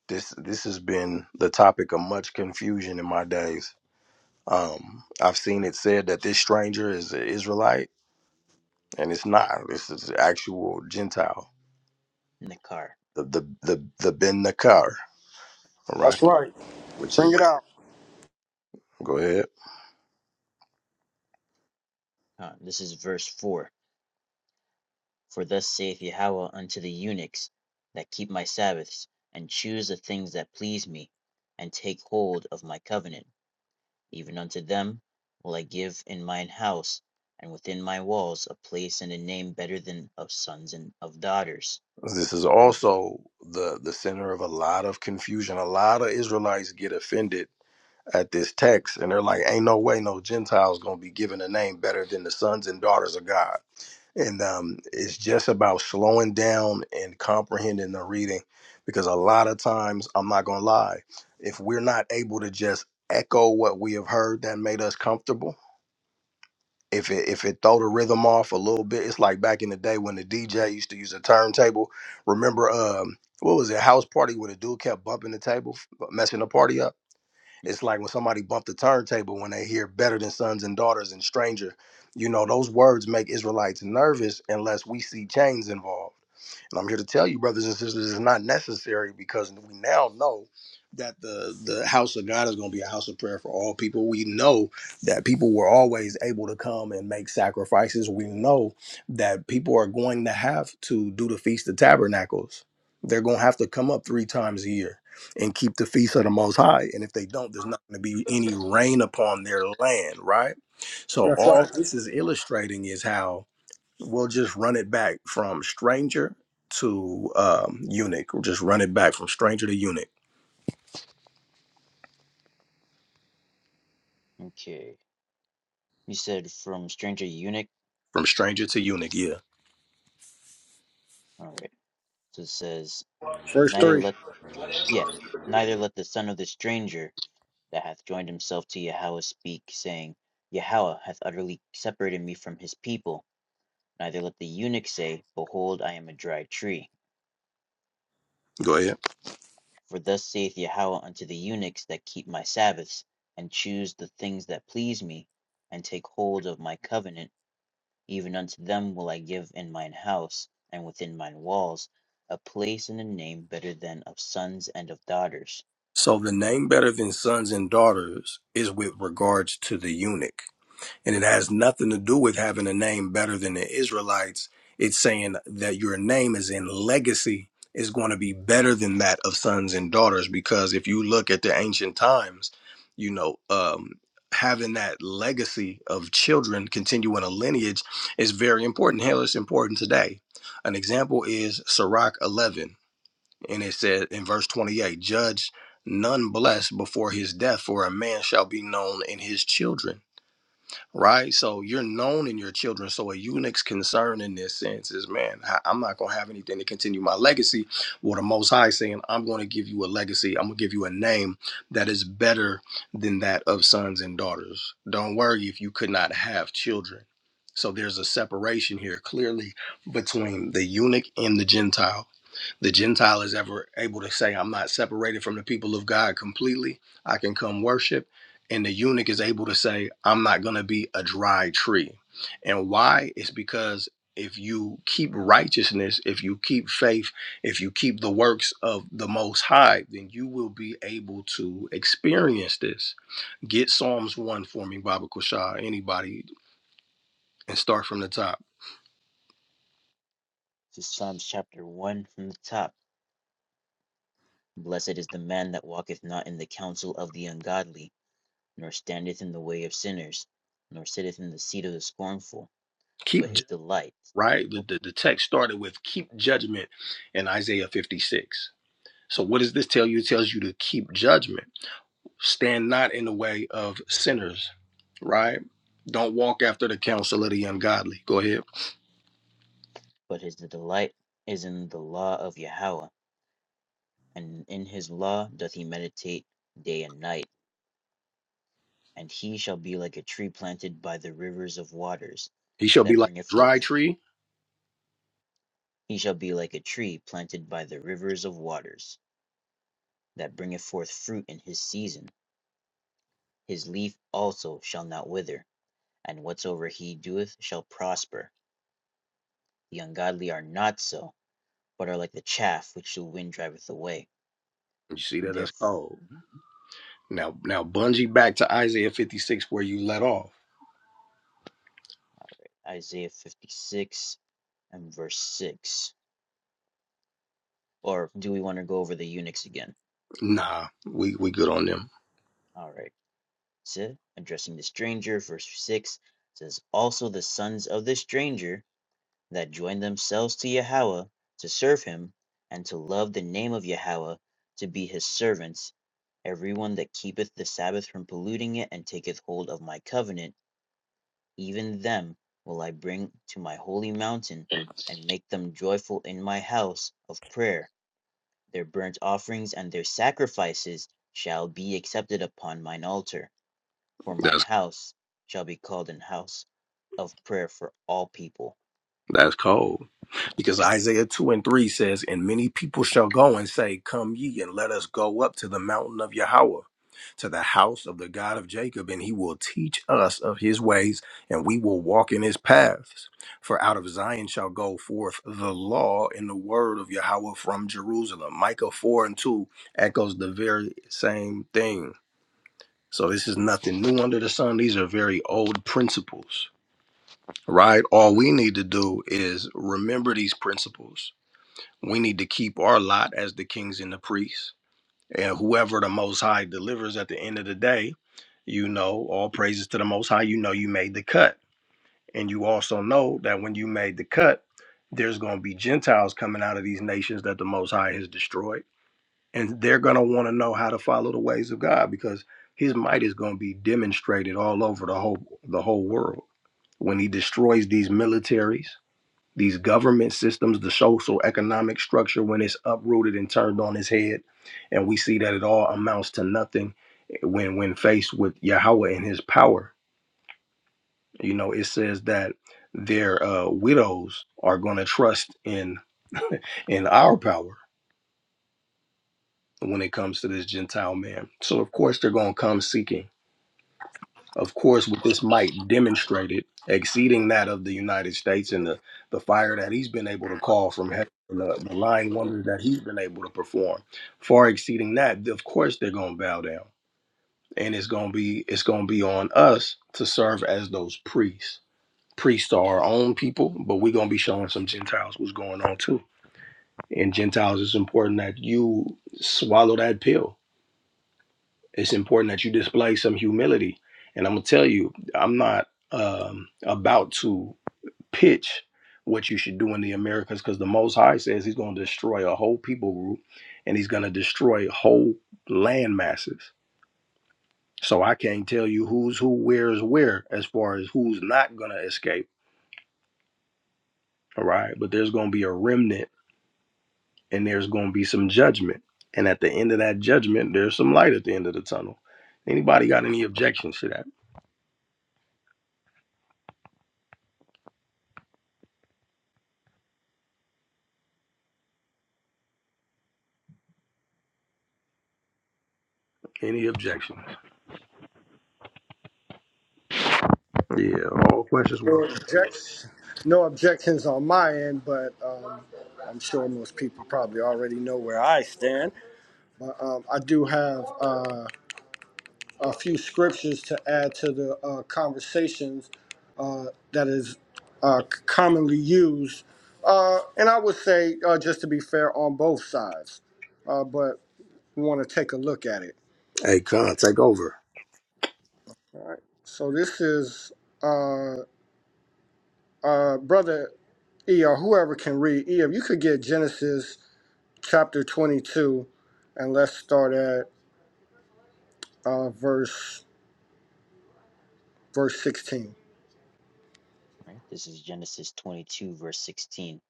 Speaker 1: This this has been the topic of much confusion in my days. Um, I've seen it said that this stranger is an Israelite, and it's not. This is actual Gentile,
Speaker 6: Nakar.
Speaker 1: the the the, the Ben Nakar, right?
Speaker 5: That's right.
Speaker 1: Which
Speaker 5: Bring
Speaker 1: is
Speaker 5: it out.
Speaker 1: go ahead.
Speaker 6: Uh, this is verse 4. For thus saith Yahweh unto the eunuchs that keep my Sabbaths, and choose the things that please me, and take hold of my covenant. Even unto them will I give in mine house and within my walls a place and a name better than of sons and of daughters.
Speaker 1: This is
Speaker 6: I
Speaker 1: also the the center of a lot of confusion. A lot of Israelites get offended at this text, and they're like, "Ain't no way no Gentiles gonna be given a name better than the sons and daughters of God." and um, it's just about slowing down and comprehending the reading because a lot of times i'm not gonna lie if we're not able to just echo what we have heard that made us comfortable if it if it throw the rhythm off a little bit it's like back in the day when the dj used to use a turntable remember um what was it house party where the dude kept bumping the table messing the party up it's like when somebody bumped the turntable when they hear better than sons and daughters and stranger. You know, those words make Israelites nervous unless we see chains involved and I'm here to tell you, brothers and sisters, it's not necessary because we now know that the the house of God is going to be a house of prayer for all people. We know that people were always able to come and make sacrifices. We know that people are going to have to do the feast of tabernacles. They're going to have to come up three times a year and keep the feast of the Most High. And if they don't, there's not going to be any rain upon their land, right? So
Speaker 5: That's right.
Speaker 1: all this is illustrating is how We'll just run it back from stranger to um, eunuch. We'll just run it back from stranger to eunuch.
Speaker 6: okay. You said from stranger eunuch.
Speaker 1: From stranger to eunuch, yeah.
Speaker 6: All right. So it says
Speaker 5: Verse
Speaker 6: neither
Speaker 5: 3.
Speaker 6: let yeah neither let the son of the stranger that hath joined himself to Yahweh speak, saying, Yahweh hath utterly separated me from his people. Neither let the eunuch say, Behold, I am a dry tree
Speaker 1: Go ahead.
Speaker 6: For thus saith Yahweh unto the eunuchs that keep my Sabbaths, and choose the things that please me, and take hold of my covenant, even unto them will I give in mine house, and within mine walls, a place and a name better than of sons and of daughters.
Speaker 1: So the name better than sons and daughters is with regards to the eunuch. And it has nothing to do with having a name better than the Israelites. It's saying that your name is in legacy is going to be better than that of sons and daughters. Because if you look at the ancient times, you know, um, having that legacy of children continuing a lineage is very important. Hell, it's important today. An example is Sirach 11. And it said in verse 28, judge none blessed before his death, for a man shall be known in his children right? So you're known in your children. So a eunuch's concern in this sense is, man, I- I'm not gonna have anything to continue my legacy. Well, the Most High is saying, I'm gonna give you a legacy. I'm gonna give you a name that is better than that of sons and daughters. Don't worry if you could not have children. So there's a separation here clearly between the eunuch and the Gentile the Gentile is ever able to say, I'm not separated from the people of God completely. I can come worship. And the eunuch is able to say, I'm not going to be a dry tree. And why? It's because if you keep righteousness, if you keep faith, if you keep the works of the Most High, then you will be able to experience this. Get Psalms 1 for me, Baba Kushah, anybody, and start from the top.
Speaker 6: To Psalms chapter 1 from the top. Blessed is the man that walketh not in the counsel of the ungodly, nor standeth in the way of sinners, nor sitteth in the seat of the scornful, but
Speaker 1: Keep,
Speaker 6: his
Speaker 1: ju-
Speaker 6: delight
Speaker 1: right? The, the, the text started with keep judgment in Isaiah 56 So what does this tell you? It tells you to keep judgment. Stand not in the way of sinners, right? Don't walk after the counsel of the ungodly. Go ahead.
Speaker 6: But his delight is in the law of Yahweh, and in his law doth he meditate day and night. And he shall be like a tree planted by the rivers of waters,
Speaker 1: He shall be
Speaker 6: that
Speaker 1: like
Speaker 6: bringeth
Speaker 1: a dry
Speaker 6: forth.
Speaker 1: tree.
Speaker 6: He shall be like a tree planted by the rivers of waters, that bringeth forth fruit in his season. His leaf also shall not wither, and whatsoever he doeth shall prosper. The ungodly are not so, but are like the chaff which the wind driveth away.
Speaker 1: You see that that's
Speaker 6: Therefore,
Speaker 1: cold. Now now bungee back to Isaiah 56 where you let off.
Speaker 6: Isaiah fifty six. and verse 6. Or do we want to go over the eunuchs again?
Speaker 1: Nah, we we good on them.
Speaker 6: All right. So, addressing the stranger, verse 6 says, Also the sons of the stranger that join themselves to Yahweh to serve him and to love the name of Yahweh to be his servants, everyone that keepeth the Sabbath from polluting it and taketh hold of my covenant, even them will I bring to my holy mountain and make them joyful in my house of prayer Their burnt offerings and their sacrifices shall be accepted upon mine altar, for mine house shall be called an house of prayer for all people.
Speaker 1: That's cold. Because Isaiah 2 and 3 says, And many people shall go and say, Come ye, and let us go up to the mountain of Yahweh, to the house of the God of Jacob, and he will teach us of his ways, and we will walk in his paths. For out of Zion shall go forth the law and the word of Yahweh from Jerusalem. Micah 4 and 2 echoes the very same thing. So this is nothing new under the sun. These are very old principles right? All we need to do is remember these principles. We need to keep our lot as the kings and the priests. And whoever the Most High delivers at the end of the day, you know, all praises to the Most High. You know, you made the cut. And you also know that when you made the cut, there's going to be Gentiles coming out of these nations that the Most High has destroyed. And they're going to want to know how to follow the ways of God because his might is going to be demonstrated all over the whole the whole world when he destroys these militaries these government systems, the social economic structure, when it's uprooted and turned on its head, and we see that it all amounts to nothing eh, when when faced with Yahweh and His power. You know, it says that their uh, widows are going to trust in in our power when it comes to this Gentile man. So of course they're going to come seeking. of course, with this might demonstrated exceeding that of the United States and the, the fire that he's been able to call from heaven, and the, the lying wonders that he's been able to perform, far exceeding that, of course they're gonna bow down. And it's gonna be it's gonna be on us to serve as those priests. Priests are our own people, but we're gonna be showing some Gentiles what's going on too. And Gentiles, it's important that you swallow that pill it's important that you display some humility. And I'm gonna tell you, I'm not um, about to pitch what you should do in the Americas because the Most High says He's gonna destroy a whole people group and He's gonna destroy whole land masses. So I can't tell you who's who, where's where, as far as who's not gonna escape. All right, but there's gonna be a remnant and there's gonna be some judgment. And at the end of that judgment, there's some light at the end of the tunnel. Anybody got any objections to that? Any objections? Yeah, all questions
Speaker 5: No
Speaker 1: welcome.
Speaker 5: objections, no objections on my end, but um, I'm sure most people probably already know where I stand. Um, I do have uh, a few scriptures to add to the uh, conversations uh, that is uh, c- commonly used. Uh, and I would say, uh, just to be fair, on both sides, uh, but we want to take a look at it.
Speaker 1: Hey, Con, take over.
Speaker 5: All right. So this is uh, uh, Brother E, or whoever can read. E, if you could get Genesis chapter 22, and let's start at uh, verse verse 16.
Speaker 6: Right? This is Genesis 22, verse 16.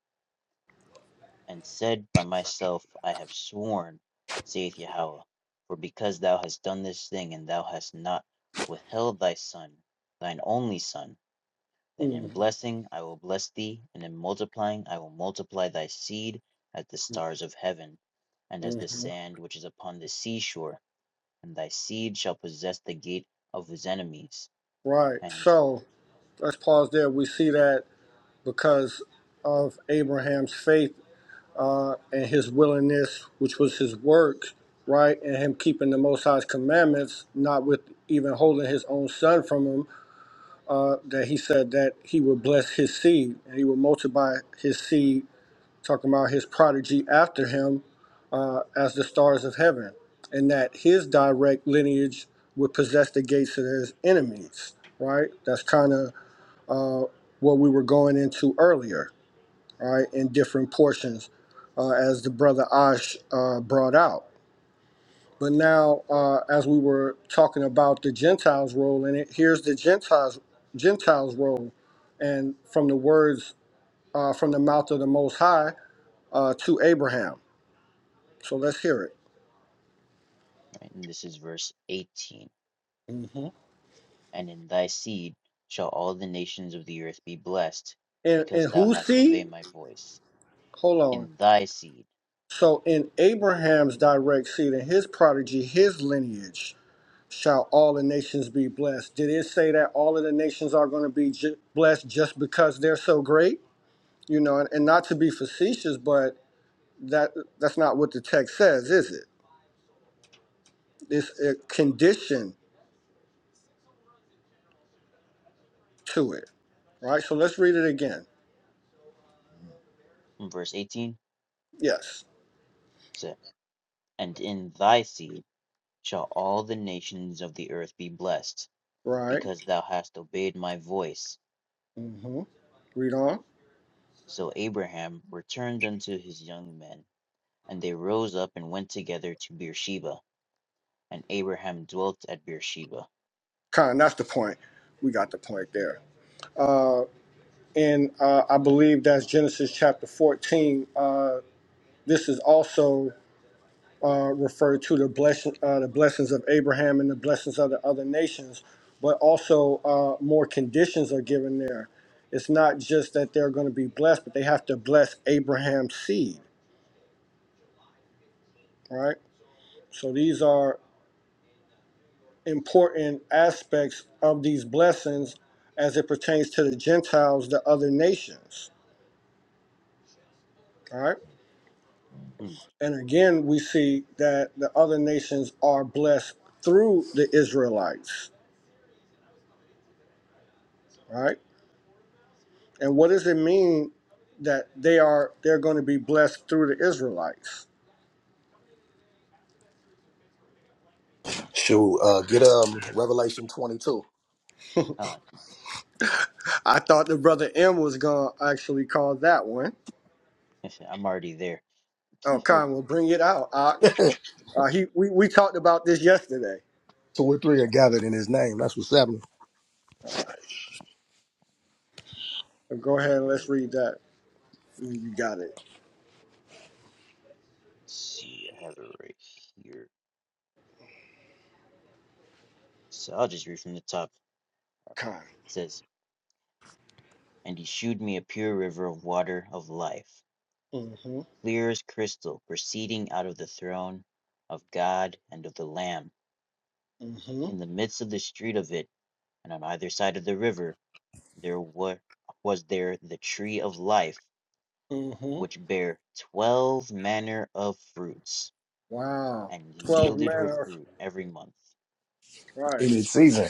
Speaker 6: And said by myself, I have sworn, saith Yahweh, for because thou hast done this thing, and thou hast not withheld thy son, thine only son, that in
Speaker 5: Mhm.
Speaker 6: blessing I will bless thee, and in multiplying I will multiply thy seed as the stars of heaven, and as the
Speaker 5: Mhm.
Speaker 6: sand which is upon the seashore, and thy seed shall possess the gate of his enemies.
Speaker 5: Right.
Speaker 6: And,
Speaker 5: So let's pause there. We see that because of Abraham's faith uh, and his willingness, which was his work, right, and him keeping the Most High's commandments, not with even holding his own son from him, uh, that he said that he would bless his seed and he would multiply his seed, talking about his prodigy after him uh, as the stars of heaven, and that his direct lineage would possess the gates of his enemies, right? That's kind of uh, what we were going into earlier all right, in different portions, uh, as the brother Ash uh, brought out. But now, uh, as we were talking about the Gentiles' role in it, here's the Gentiles' Gentiles' role, and from the words uh, from the mouth of the Most High uh, to Abraham. So let's hear it.
Speaker 6: right, and this is verse 18.
Speaker 5: hmm
Speaker 6: And in thy seed shall all the nations of the earth be blessed,
Speaker 5: And,
Speaker 6: because
Speaker 5: and
Speaker 6: thou
Speaker 5: whose
Speaker 6: hast
Speaker 5: seed?
Speaker 6: obeyed my voice.
Speaker 5: Hold on.
Speaker 6: In thy seed,
Speaker 5: So in Abraham's direct seed, and his prodigy, his lineage shall all the nations be blessed. Did it say that all of the nations are going to be ju- blessed just because they're so great? You know, and, and not to be facetious, but that that's not what the text says, is it? It's a condition to it, right? So let's read it again.
Speaker 6: in verse 18, it
Speaker 5: Yes,
Speaker 6: said, and in thy seed shall all the nations of the earth be blessed
Speaker 5: right.
Speaker 6: because thou hast obeyed my voice.
Speaker 5: hmm Read on.
Speaker 6: So Abraham returned unto his young men, and they rose up and went together to Beersheba, and Abraham dwelt at Beersheba.
Speaker 5: Kind of, that's the point. We got the point there. And uh, I believe that's Genesis chapter 14. Uh, this is also uh, refer to the blessing, uh, the blessings of Abraham and the blessings of the other nations, but also uh, more conditions are given there. It's not just that they're going to be blessed, but they have to bless Abraham's seed, right? So these are important aspects of these blessings as it pertains to the Gentiles, the other nations, all right?
Speaker 6: Mm,
Speaker 5: And again, we see that the other nations are blessed through the Israelites, right? And what does it mean that they are they're going to be blessed through the Israelites?
Speaker 1: Shoot, uh, get um Revelation 22.
Speaker 6: God,
Speaker 5: I thought the brother M was going to actually call that one.
Speaker 6: I'm already there.
Speaker 5: Oh, Con, will bring it out. Uh, uh, he we, we talked about this yesterday.
Speaker 1: Two or three are gathered in his name. That's what's happening
Speaker 5: All right, so go ahead
Speaker 6: All
Speaker 5: and
Speaker 6: right,
Speaker 5: let's read that. Mm, You got it,
Speaker 6: let's see. I have it right here. So I'll just read from the top.
Speaker 5: Con.
Speaker 6: It says, And he shewed me a pure river of water of life,
Speaker 5: Mm-hmm.
Speaker 6: clear as crystal, proceeding out of the throne of God and of the Lamb.
Speaker 5: Mm-hmm.
Speaker 6: In the midst of the street of it, and on either side of the river, there wa- was there the tree of life,
Speaker 5: Mm-hmm.
Speaker 6: which bare twelve manner of fruits,
Speaker 5: Wow.
Speaker 6: and
Speaker 5: Twelve
Speaker 6: yielded her
Speaker 5: manner.
Speaker 6: fruit every month.
Speaker 5: Right.
Speaker 1: in his season.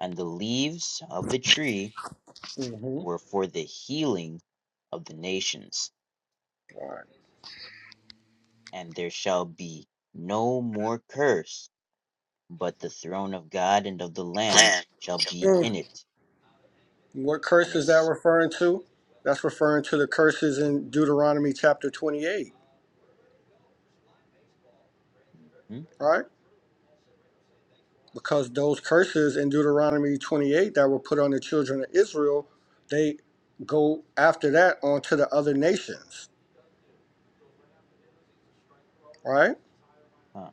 Speaker 6: And the leaves of the tree
Speaker 5: Mm-hmm.
Speaker 6: were for the healing of the nations.
Speaker 5: Right.
Speaker 6: And there shall be no more curse, but the throne of God and of the Lamb shall be
Speaker 5: Mm.
Speaker 6: in it.
Speaker 5: What
Speaker 6: And
Speaker 5: curse is that
Speaker 6: it's.
Speaker 5: referring to? That's referring to the curses in Deuteronomy chapter twenty-eight.
Speaker 6: Mhm,
Speaker 5: Right. because those curses in Deuteronomy 28 that were put on the children of Israel, they go after that onto the other nations, right?
Speaker 6: huh,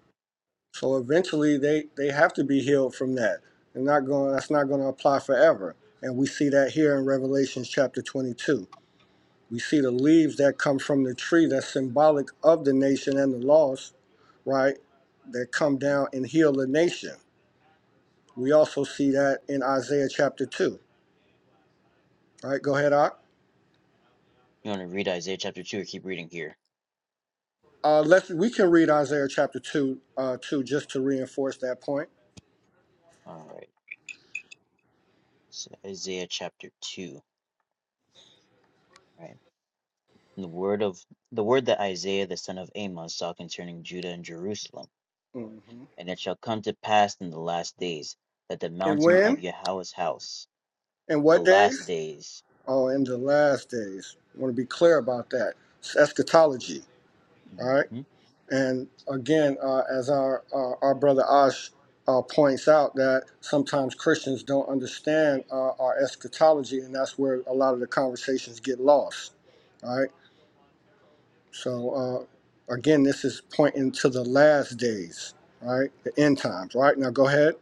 Speaker 5: So eventually they they have to be healed from that. They're not going that's not going to apply forever. And we see that here in Revelation chapter 22. We see the leaves that come from the tree that's symbolic of the nation and the lost, right? That come
Speaker 6: mhm.
Speaker 5: down and heal the nation. We also see that in Isaiah chapter 2. All right, go ahead, Ak.
Speaker 6: You want to read Isaiah chapter 2 or keep reading here?
Speaker 5: Uh, let's we can read Isaiah chapter two, uh, two just to reinforce that point.
Speaker 6: All right. So Isaiah chapter 2. Right. And the word of the word that Isaiah the son of Amos saw concerning Judah and Jerusalem,
Speaker 5: hmm
Speaker 6: and it shall come to pass in the last days that the
Speaker 5: And
Speaker 6: mountain of
Speaker 5: when
Speaker 6: Yahweh's house,
Speaker 5: and
Speaker 6: the
Speaker 5: what
Speaker 6: last
Speaker 5: days?
Speaker 6: days,
Speaker 5: Oh, in the last days. I want to be clear about that. It's eschatology. All right.
Speaker 6: Mhm.
Speaker 5: And again, uh, as our uh, our brother Ash uh, points out, that sometimes Christians don't understand uh, our eschatology, and that's where a lot of the conversations get lost. All right. So uh, again, this is pointing to the last days, right? The end times, right? Now go ahead.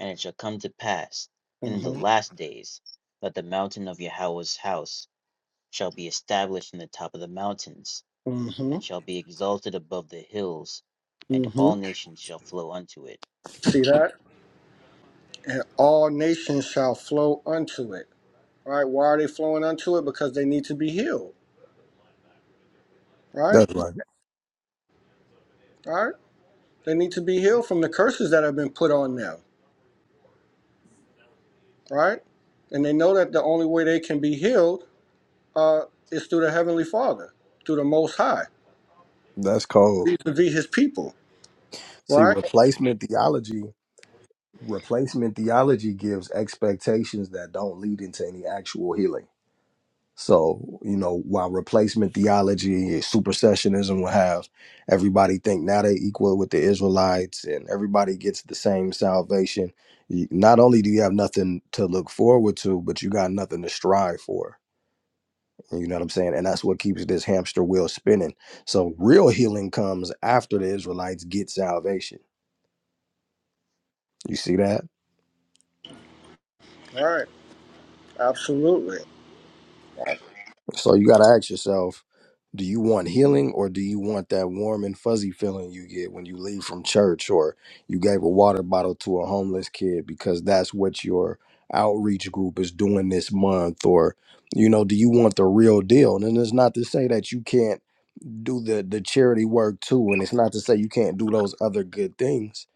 Speaker 6: and it shall come to pass
Speaker 5: mm
Speaker 6: in the
Speaker 5: hmm
Speaker 6: last days that the mountain of Yahweh's house shall be established in the top of the mountains,
Speaker 5: mm hmm
Speaker 6: and shall be exalted above the hills, and
Speaker 5: mm hmm
Speaker 6: all nations shall flow unto it.
Speaker 5: See that? And all nations shall flow unto it. Right? Why are they flowing unto it? Because they need to be healed. Right?
Speaker 1: That's right.
Speaker 5: Right? They need to be
Speaker 6: Mhm.
Speaker 5: healed from the curses that have been put on them. Right? And they know that the only way they can be healed uh, is through the Heavenly Father, through the Most High,
Speaker 1: That's cold.
Speaker 5: vis-a-vis His people.
Speaker 1: See,
Speaker 5: Right?
Speaker 1: replacement theology, replacement theology gives expectations that don't lead into any actual healing. So, you know, while replacement theology, supersessionism will have everybody think now they equal with the Israelites and everybody gets the same salvation. You, not only do you have nothing to look forward to, but you got nothing to strive for. You know what I'm saying? And that's what keeps this hamster wheel spinning. So real healing comes after the Israelites get salvation. You see that?
Speaker 5: Right. Absolutely.
Speaker 1: So you got to ask yourself, do you want healing or do you want that warm and fuzzy feeling you get when you leave from church or you gave a water bottle to a homeless kid because that's what your outreach group is doing this month or you know do you want the real deal and it's not to say that you can't do the the charity work too and it's not to say you can't do those other good things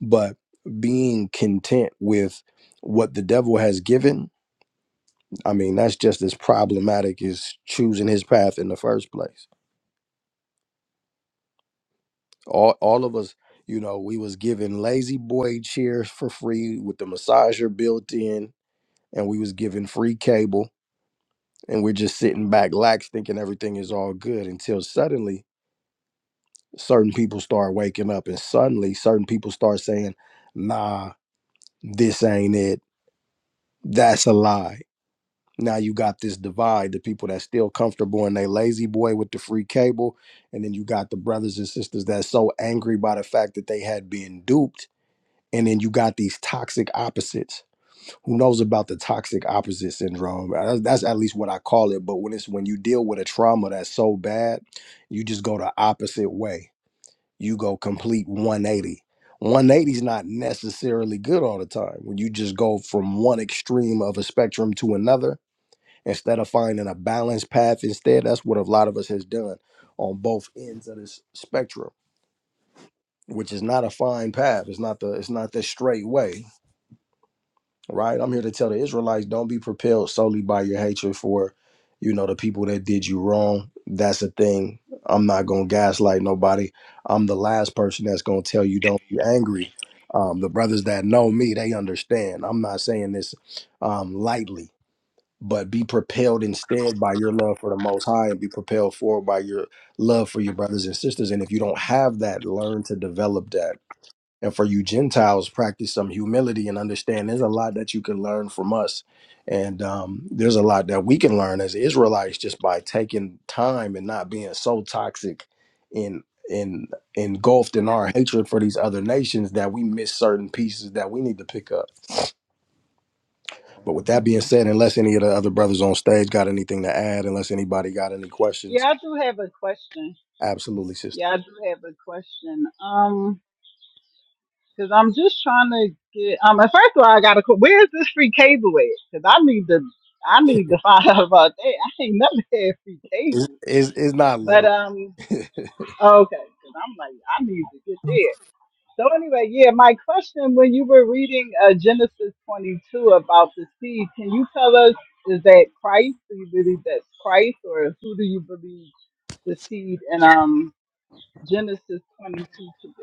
Speaker 1: but being content with what the devil has given I mean, that's just as problematic as choosing his path in the first place. All all of us, you know, we was given lazy boy chairs for free with the massager built in, and we was given free cable, and we're just sitting back lax thinking everything is all good until suddenly certain people start waking up and suddenly certain people start saying, nah, this ain't it. That's a lie now you got this divide the people that's still comfortable in they lazy boy with the free cable and then you got the brothers and sisters that's so angry by the fact that they had been duped and then you got these toxic opposites who knows about the toxic opposite syndrome Uh, that's, that's at least what i call it but when it's when you deal with a trauma that's so bad you just go the opposite way you go complete 180 180 is not necessarily good all the time when you just go from one extreme of a spectrum to another instead of finding a balanced path instead that's what a lot of us has done on both ends of this spectrum which is not a fine path it's not the it's not the straight way right i'm here to tell the israelites don't be propelled solely by your hatred for you know the people that did you wrong that's the thing i'm not gonna gaslight nobody i'm the last person that's gonna tell you don't be angry um, the brothers that know me they understand i'm not saying this um, lightly but be propelled instead by your love for the most high and be propelled forward by your love for your brothers and sisters and if you don't have that learn to develop that and for you gentiles practice some humility and understand there's a lot that you can learn from us and um, there's a lot that we can learn as israelites just by taking time and not being so toxic in in engulfed in our hatred for these other nations that we miss certain pieces that we need to pick up but with that being said, unless any of the other brothers on stage got anything to add, unless anybody got any
Speaker 7: Yeah,
Speaker 1: questions,
Speaker 7: I do have a question.
Speaker 1: absolutely, sister.
Speaker 7: Yeah, I do have a question. Um, because I'm just trying to get. Um, and first of all, I got to. Where's this free cable at? Because I need to. I need to find out about that. I ain't never had free
Speaker 1: It's,
Speaker 7: cable.
Speaker 1: it's, it's not
Speaker 7: But
Speaker 1: literal.
Speaker 7: um, okay. Because I'm like, I need to get there. So anyway, yeah, my question when you were reading uh, Genesis 22 about the seed, can you tell us is that Christ? Do you believe that's Christ, or who do you believe the seed and um? Genesis 22 to do?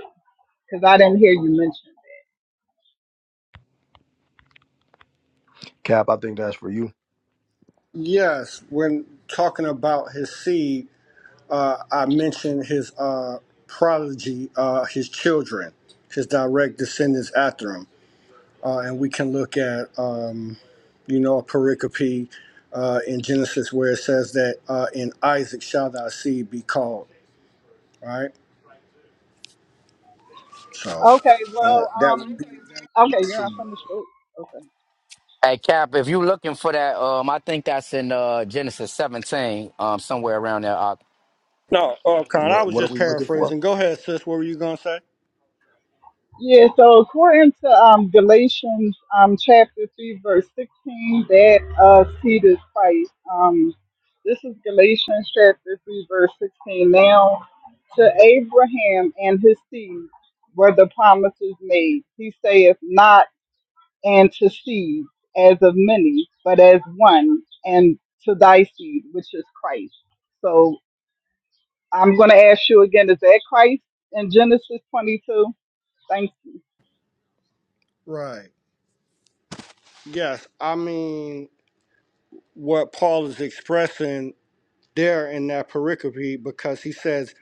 Speaker 7: Because I didn't hear you mention. it.
Speaker 1: Cap, I think that's for you.
Speaker 5: Yes, when talking about his seed, uh, I mentioned his uh, prodigy, uh, his children, his direct descendants after him. Uh, and we can look at, um, you know, a pericope uh, in Genesis where it says that uh, in Isaac shall thy seed be called, right? So
Speaker 7: Okay,
Speaker 5: uh,
Speaker 7: well,
Speaker 5: that would
Speaker 7: um,
Speaker 5: be my
Speaker 7: okay, you're not
Speaker 5: seed.
Speaker 7: from the street. Okay.
Speaker 2: Hey Cap, if you looking for that, um, I think that's in uh, Genesis 17, um, somewhere around there. uh,
Speaker 5: No, oh, Con, I
Speaker 1: What,
Speaker 5: was
Speaker 1: what are
Speaker 5: just
Speaker 1: we looking for?
Speaker 5: paraphrasing. Go ahead, sis. What were you going to say?
Speaker 7: Yeah, so according to um, Galatians um, chapter 3, verse 16, that uh, seed is Christ. Um, this is Galatians chapter 3, verse 16. Now, to Abraham and his seed were the promises made. He saith, Not and to seed as of many, but as one, and to thy seed, which is Christ. So I'm going to ask you again is that Christ in Genesis 22? Thank you.
Speaker 5: Right. Yes, I mean, what Paul is expressing there in that pericope because he says,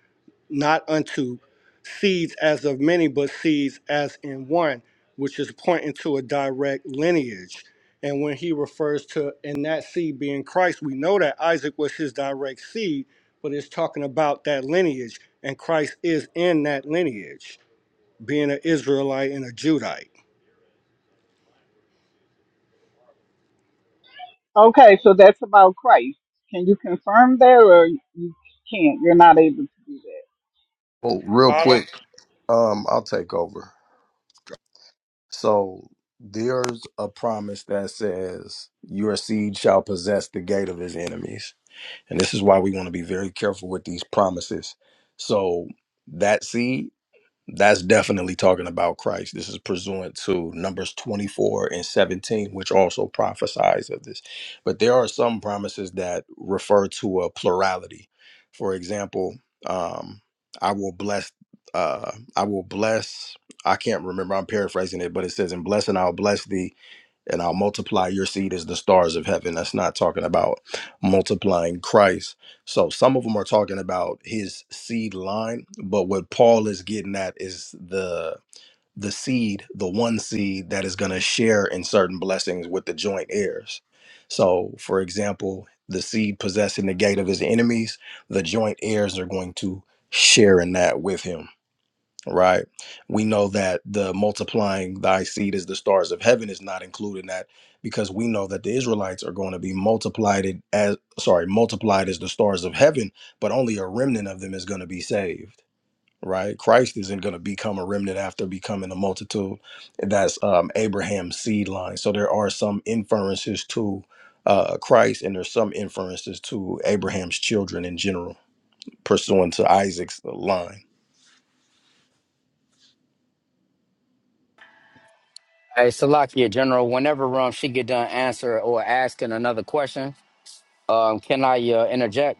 Speaker 5: not unto seeds as of many, but seeds as in one, which is pointing to a direct lineage. And when he refers to in that seed being Christ, we know that Isaac was his direct seed, but it's talking about that lineage, and Christ is in that lineage, being an Israelite and a Judite.
Speaker 7: Okay, so that's about Christ. Can you confirm that, or you can't? You're not able to do that.
Speaker 1: Well, real
Speaker 5: I don't.
Speaker 1: quick, um, I'll take over. So there's a promise that says your seed shall possess the gate of his enemies. And this is why we want to be very careful with these promises. So that seed That's definitely talking about Christ. This is pursuant to Numbers 24 and 17, which also prophesies of this. But there are some promises that refer to a plurality. For example, um, I will bless, uh, I will bless, I can't remember, I'm paraphrasing it, but it says, In blessing, I'll bless thee and I'll multiply your seed as the stars of heaven. That's not talking about multiplying Christ. So some of them are talking about his seed line, but what Paul is getting at is the the seed, the one seed that is going to share in certain blessings with the joint heirs. So, for example, the seed possessing the gate of his enemies, the joint heirs are going to share in that with him right? We know that the multiplying thy seed as the stars of heaven is not included in that because we know that the Israelites are going to be multiplied it as sorry, multiplied as the stars of heaven, but only a remnant of them is going to be saved. Right, Christ isn't going to become a remnant after becoming a multitude. That's um, Abraham's seed line. So there are some inferences to uh, Christ, and there's some inferences to Abraham's children in general, pursuant to Isaac's line
Speaker 2: Hey, Salakia, General, whenever um, she get done answer or asking another question, um, can I uh, interject?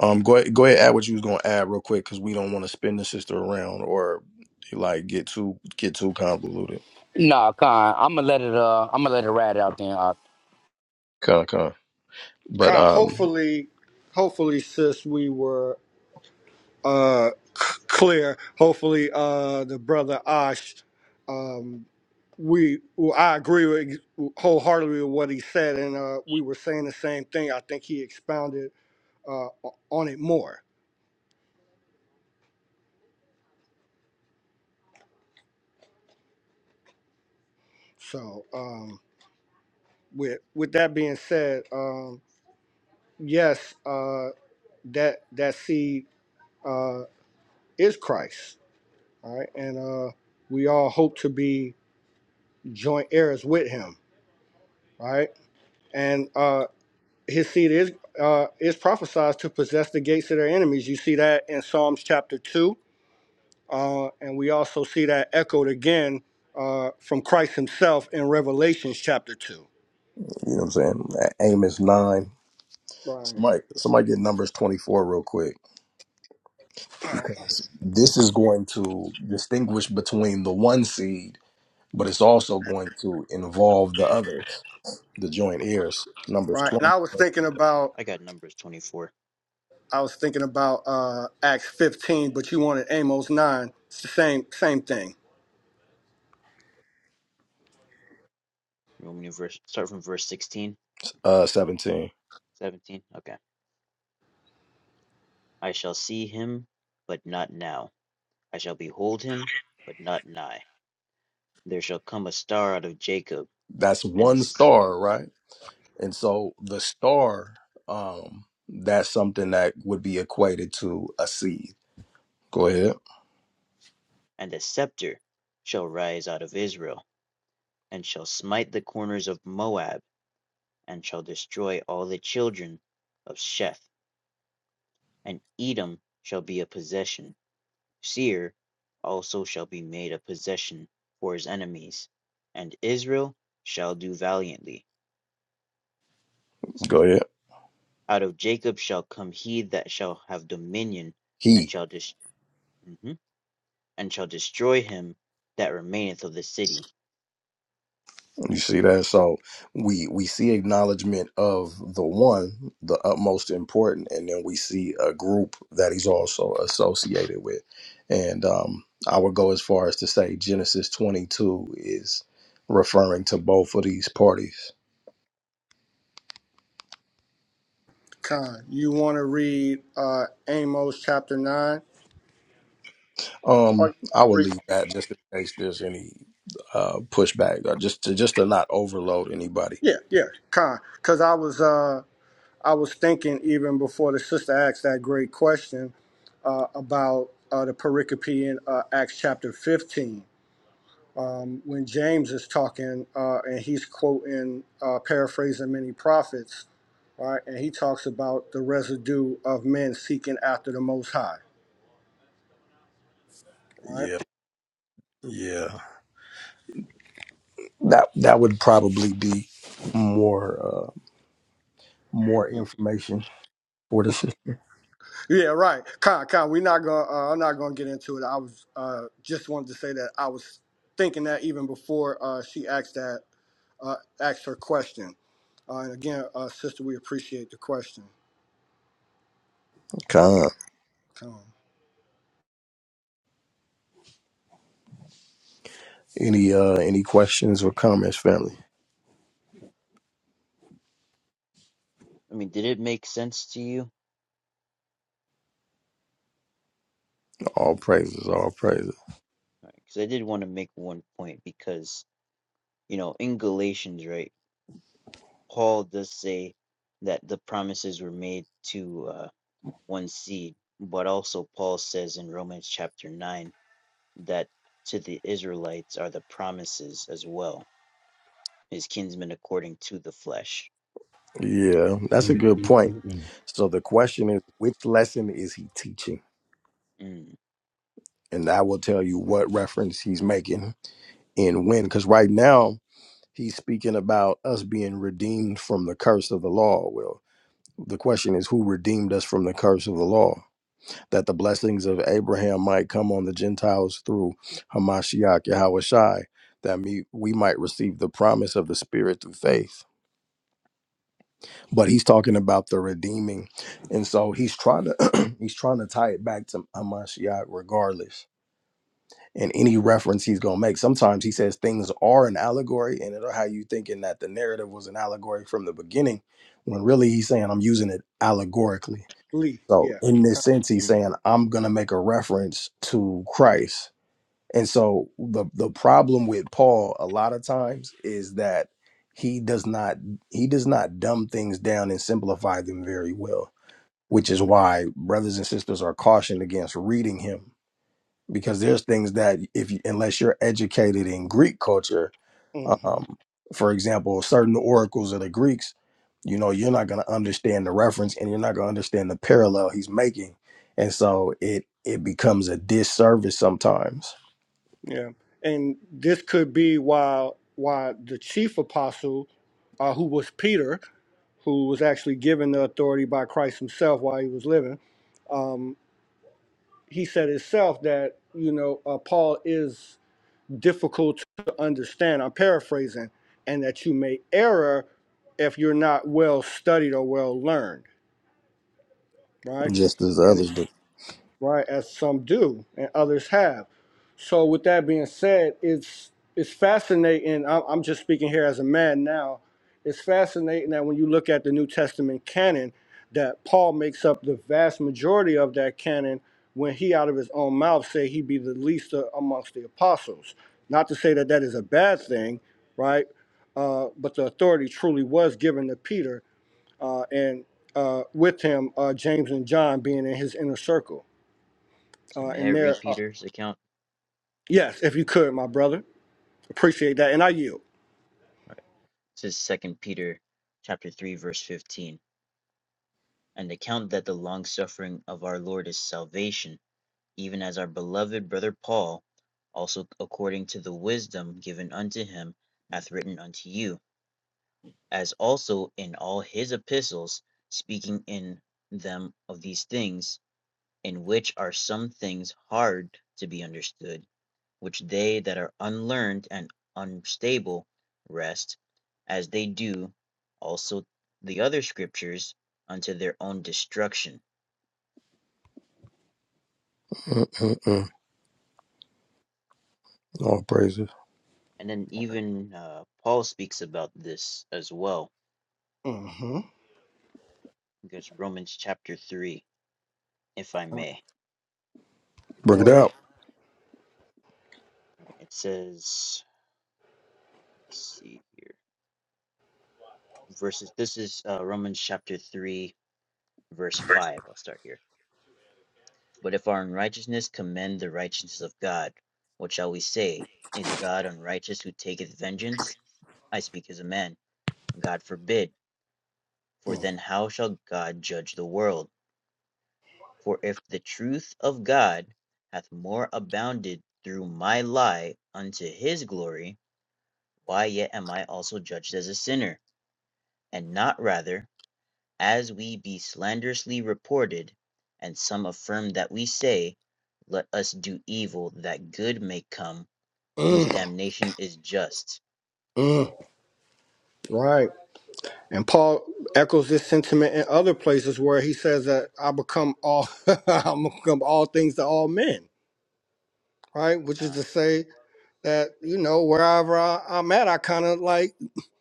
Speaker 1: Um, go ahead, go ahead, add what you was gonna add real quick, cause we don't want to spin the sister around or like get too get too convoluted.
Speaker 2: Nah, Khan, I'm gonna let it. Uh, I'm gonna let it ride out then. Uh,
Speaker 1: Kinda, kinda. But
Speaker 5: Con-
Speaker 1: um,
Speaker 5: Hopefully, hopefully, sis, we were uh, c- clear. Hopefully, uh, the brother Ash, um, we well, I agree with wholeheartedly with what he said, and uh, we were saying the same thing. I think he expounded uh, o- on it more. So, um, with with that being said, um, yes, uh, that that seed uh, is Christ, all right, and uh, we all hope to be joint heirs with Him, all right, and. Uh, his seed is uh, is prophesied to possess the gates of their enemies. You see that in Psalms chapter two, uh, and we also see that echoed again uh, from Christ Himself in Revelations chapter two.
Speaker 1: you know what I'm saying. Amos nine.
Speaker 5: Right.
Speaker 1: Somebody somebody get numbers twenty four real quick because this is going to distinguish between the one seed, but it's also going to involve the others, the joint heirs. Numbers
Speaker 5: Right, and
Speaker 1: twenty
Speaker 5: I was thinking about
Speaker 6: I got numbers twenty-four.
Speaker 5: I was thinking about uh, Acts fifteen, but you wanted Amos nine. It's the same same thing.
Speaker 6: You want me to verse, start from verse sixteen?
Speaker 1: uh seventeen.
Speaker 6: 17? Okay. I shall see him, but not now. I shall behold him, but not nigh. There shall come a star out of Jacob,
Speaker 1: That's
Speaker 6: and a,
Speaker 1: one
Speaker 6: s-
Speaker 1: star, right? And so the star, um, that's something that would be equated to a seed. Go ahead.
Speaker 6: and a scepter shall rise out of Israel, and shall smite the corners of Moab, and shall destroy all the children of Sheph. And Edom shall be a possession. Seir also shall be made a possession for his enemies. And Israel shall do valiantly.
Speaker 1: Go ahead.
Speaker 6: Out of Jacob shall come he that shall have dominion, and
Speaker 1: He.
Speaker 6: shall dis- mhm, and shall destroy him that remaineth of the city.
Speaker 1: You see that? So we we see acknowledgement of the one, the utmost important, and then we see a group that he's also associated with. And um, I would go as far as to say Genesis 22 is referring to both of these parties
Speaker 5: Con, you want to read uh, Amos chapter nine, or
Speaker 1: Um,
Speaker 5: you want
Speaker 1: I
Speaker 5: to
Speaker 1: would
Speaker 5: read?
Speaker 1: leave that just in case there's any uh, pushback, or just to just to not overload anybody.
Speaker 5: Yeah, yeah, Con, because I was. uh, I was thinking even before the sister asked that great question uh, about uh, the pericope in uh, Acts chapter 15. When James is talking uh, and he's quoting, uh, paraphrasing many prophets, right? And he talks about the residue of men seeking after the Most High. Right?
Speaker 1: Yeah, yeah. That that would probably be more uh, more
Speaker 6: Hmm.
Speaker 1: information for the system.
Speaker 5: Yeah, right. Con, con. We're not gonna. Uh, I'm not gonna get into it. I was uh, just wanted to say that I was thinking that even before uh, she asked that uh, asked her question. Uh, and again, uh, sister, we appreciate the question.
Speaker 1: Con.
Speaker 5: Come
Speaker 1: Any uh, any questions or comments, family?
Speaker 6: I mean, did it make sense to you?
Speaker 1: All praises, all praises.
Speaker 6: Because I did want to make one point because you know in Galatians, right? Paul does say that the promises were made to uh, one seed, but also Paul says in Romans chapter nine that to the Israelites are the promises as well, his kinsmen according to the flesh.
Speaker 1: Yeah, that's a good point. So the question is, which lesson is he teaching?
Speaker 6: Mm.
Speaker 1: And I will tell you what reference he's making and when. Because right now, he's speaking about us being redeemed from the curse of the law. Well, the question is, who redeemed us from the curse of the law? That the blessings of Abraham might come on the Gentiles through Hamashiach Yahweh Shai, that me, we might receive the promise of the Spirit through faith but he's talking about the redeeming and so he's trying to he's trying to tie it back to amashiach regardless and any reference he's going to make sometimes he says things are an allegory and it'll how you thinking that the narrative was an allegory from the beginning when really he's saying i'm using it allegorically
Speaker 5: Lee,
Speaker 1: so
Speaker 5: yeah.
Speaker 1: in this sense he's
Speaker 6: mm.
Speaker 1: saying i'm going to make a reference to christ and so the the problem with Paul a lot of times is that he does not he does not dumb things down and simplify them very well, which is
Speaker 5: Mm-hmm.
Speaker 1: why brothers and sisters are cautioned against reading him because there's things that if you, unless you're educated in Greek culture,
Speaker 5: hmm
Speaker 1: um, for example, certain oracles of the Greeks, you know, you're not going to understand the reference and you're not going to understand the parallel he's making, and so it it becomes a disservice sometimes
Speaker 5: Yeah. And this could be why why the chief apostle, uh, who was Peter, who was actually given the authority by Christ himself while he was living, um, he said himself that, you know, uh, Paul is difficult to understand. I'm paraphrasing, and that you may error if you're not well studied or well learned, right?
Speaker 1: just as others do.
Speaker 5: right? As some do and others have. So with that being said, it's it's fascinating. I'm, I'm just speaking here as a man now. It's fascinating that when you look at the New Testament canon, that Paul makes up the vast majority of that canon when he out of his own mouth say he be the least a- amongst the apostles. Not to say that that is a bad thing, right? Uh, but the authority truly was given to Peter uh, and uh, with him, uh, James and John being in his inner circle
Speaker 6: So
Speaker 5: uh,
Speaker 6: may I
Speaker 5: in there.
Speaker 6: read
Speaker 5: Uh,
Speaker 6: Peter's account?
Speaker 5: yes, if you could, my brother. Appreciate that. And I yield.
Speaker 6: All Right. It says Second Peter chapter three verse fifteen. And account that the long suffering of our Lord is salvation, even as our beloved brother Paul, also according to the wisdom given unto him, hath written unto you, as also in all his epistles, speaking in them of these things, in which are some things hard to be understood which they that are unlearned and unstable wrest, as they do also the other scriptures, unto their own destruction.
Speaker 1: Mm-mm-mm. All praises.
Speaker 6: And then even uh, Paul speaks about this as well,
Speaker 5: hmm
Speaker 6: because Romans chapter 3, if I may,
Speaker 1: Bring it
Speaker 5: Go ahead.
Speaker 1: out.
Speaker 6: Right, it says, let's see here, verses, this is uh, Romans chapter 3, verse 5. I'll start here. But if our unrighteousness commend the righteousness of God, what shall we say? Is God unrighteous who taketh vengeance? I speak as a man. God forbid. For
Speaker 5: Mm.
Speaker 6: then how shall God judge the world? For if the truth of God hath more abounded through my lie unto his glory, why yet am I also judged as a sinner? And not rather, as we be slanderously reported, and some affirm that we say, Let us do evil that good may come whose
Speaker 5: Mm.
Speaker 6: damnation is just.
Speaker 5: Mm. Right. And Paul echoes this sentiment in other places where he says that I become all I become all things to all men. Right? Which is
Speaker 6: Con,
Speaker 5: to say that, you know, wherever I, I'm at, I kind of like,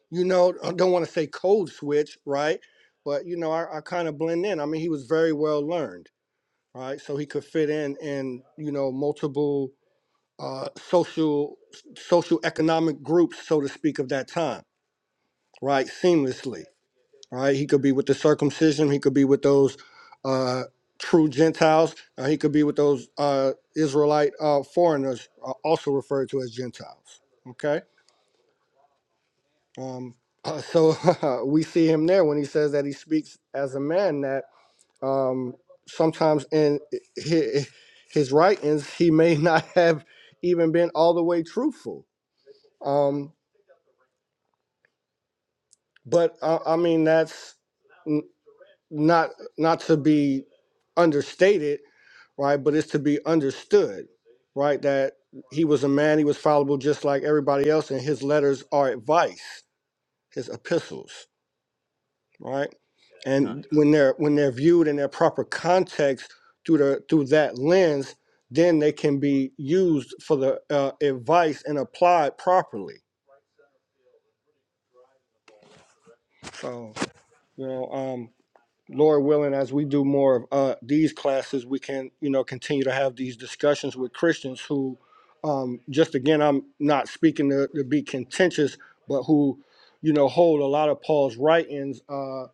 Speaker 5: you know, I don't want to say code switch, right? But you know, I, I kind of blend in. I mean, he was very well learned, right? So he could fit in in, you know, multiple uh, social social economic groups, so to speak, of that time, right? Seamlessly, right? He could be with the circumcision. He could be with those uh, true Gentiles. Or he could be with those uh, Israelite uh, foreigners, uh, also referred to as Gentiles. Okay, um, uh, so we see him there when he says that he speaks as a man. That um, sometimes in his, his writings, he may not have even been all the way truthful. Um, But uh, I mean, that's n- not not to be understated, right? But it's to be understood, right? That he was a man; he was fallible, just like everybody else, and his letters are advice, his epistles, right?
Speaker 6: con,
Speaker 5: And when they're when they're viewed in their proper context through the through that lens, then they can be used for the uh, advice and applied properly. So you know. um, Lord willing, as we do more of uh, these classes, we can, you know, continue to have these discussions with Christians who, um, just again, I'm not speaking to, to be contentious, but who, you know, hold a lot of Paul's writings uh,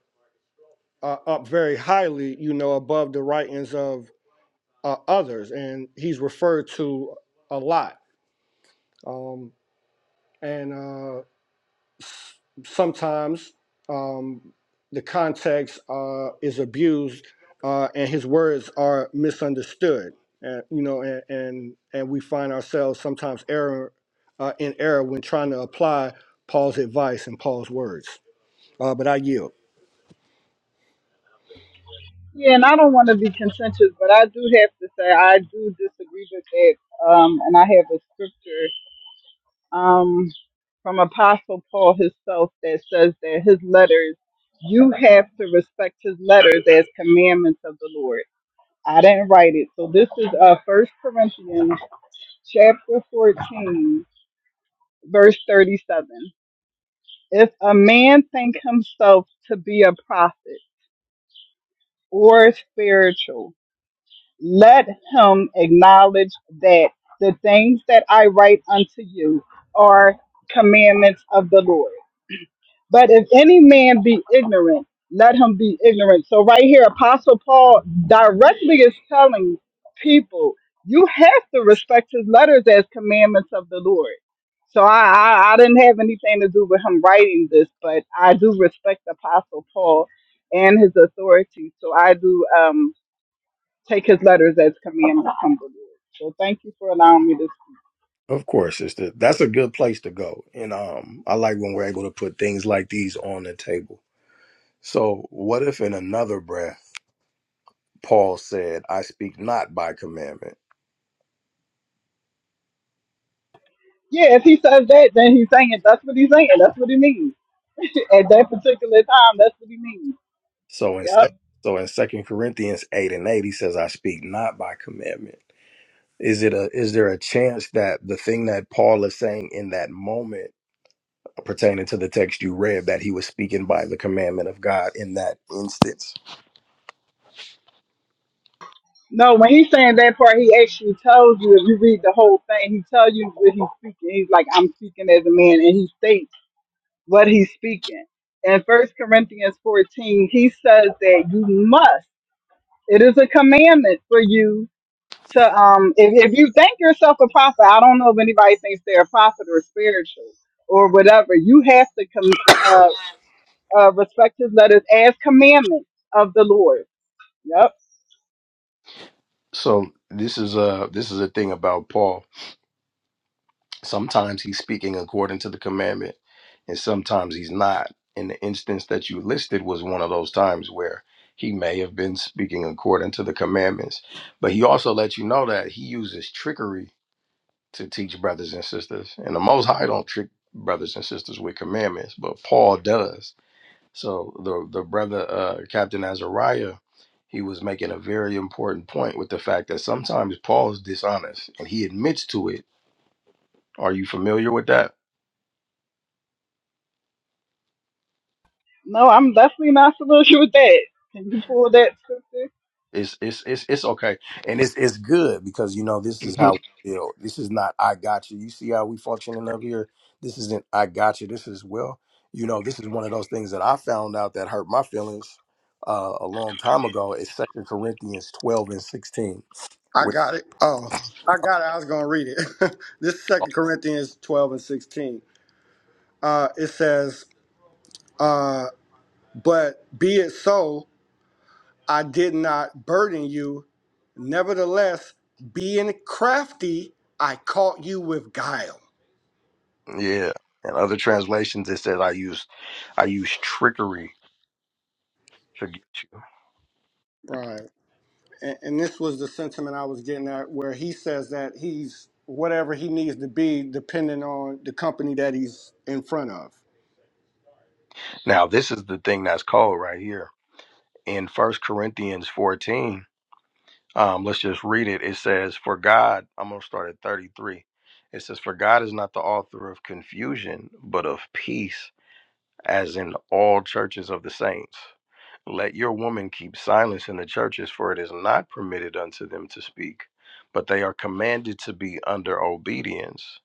Speaker 5: uh, up very highly, you know, above the writings of uh, others, and he's referred to a lot. Um, and uh, sometimes um, the context uh, is abused uh, and his words are misunderstood. And, you know, and, and and we find ourselves sometimes error uh, in error when trying to apply Paul's advice and Paul's words. Uh, but I yield.
Speaker 7: Yeah, and I don't want to be contentious, but I do have to say I do disagree with that. Um, and I have a scripture. um, from Apostle Paul himself that says that his letters, you have to respect his letters as commandments of the Lord. I didn't write it. So this is uh, 1 Corinthians chapter 14, verse 37. If a man think himself to be a prophet or spiritual, let him acknowledge that the things that I write unto you are commandments of the Lord. But if any man be ignorant, let him be ignorant. So right here, Apostle Paul directly is telling people, you have to respect his letters as commandments of the Lord. So I, I, I didn't have anything to do with him writing this, but I do respect Apostle Paul and his authority. So I do um, take his letters as commandments from the Lord. So thank you for allowing me to.
Speaker 1: Of course, it's the, that's a good place to go, and um, I like when we're able to put things like these on the table. So, what if in another breath Paul said, "I speak not by commandment"?
Speaker 7: Yeah, if he says that, then he's saying it. That's what he's saying. That's what he means. At that particular time, that's what he means.
Speaker 1: So in sec-
Speaker 7: Yep.
Speaker 1: so in Second Corinthians eight and eight, he says, "I speak not by commandment." Is it a is there a chance that the thing that Paul is saying in that moment pertaining to the text you read that he was speaking by the commandment of God in that instance?
Speaker 7: No, when he's saying that part, he actually tells you if you read the whole thing, he tells you what he's speaking. He's like, I'm speaking as a man, and he states what he's speaking. In First Corinthians 14, he says that you must. It is a commandment for you to um if, if you think yourself a prophet, I don't know if anybody thinks they're a prophet or spiritual or whatever, you have to com- uh, uh respect his letters as commandments of the Lord. Yep.
Speaker 1: So this is a this is a thing about Paul. Sometimes he's speaking according to the commandment, and sometimes he's not. And the instance that you listed was one of those times where he may have been speaking according to the commandments. But he also let you know that he uses trickery to teach brothers and sisters. And the Most High don't trick brothers and sisters with commandments, but Paul does. So the the brother uh, Captain Azariah, he was making a very important point with the fact that sometimes Paul is dishonest, and he admits to it. Are you familiar with that?
Speaker 7: No, I'm definitely not saluting with that. Can you pull that scripture?
Speaker 1: It's it's it's it's okay, and it's it's good because you know this is
Speaker 5: Mhm.
Speaker 1: how you know this is not I got you. You see how we functioning up here. This isn't I got you. This is well, you know, this is one of those things that I found out that hurt my feelings uh, a long time ago. It's Second Corinthians twelve and sixteen.
Speaker 5: I
Speaker 1: Where,
Speaker 5: got it. Oh, I got it. I was going to read it. this is 2 Corinthians 12 and 16. Uh, it says, uh, But be it so, I did not burden you Nevertheless, being crafty, I caught you with guile.
Speaker 1: yeah, and other translations it says I use I use trickery to get you.
Speaker 5: Right. And, and this was the sentiment I was getting at where he says that he's whatever he needs to be depending on the company that he's in front of.
Speaker 1: Now this is the thing that's called right here in First Corinthians fourteen Um, let's just read it. It says, For God, I'm going to start at 33. It says, For God is not the author of confusion, but of peace, as in all churches of the saints. Let your women keep silence in the churches, for it is not permitted unto them to speak, but they are commanded to be under obedience,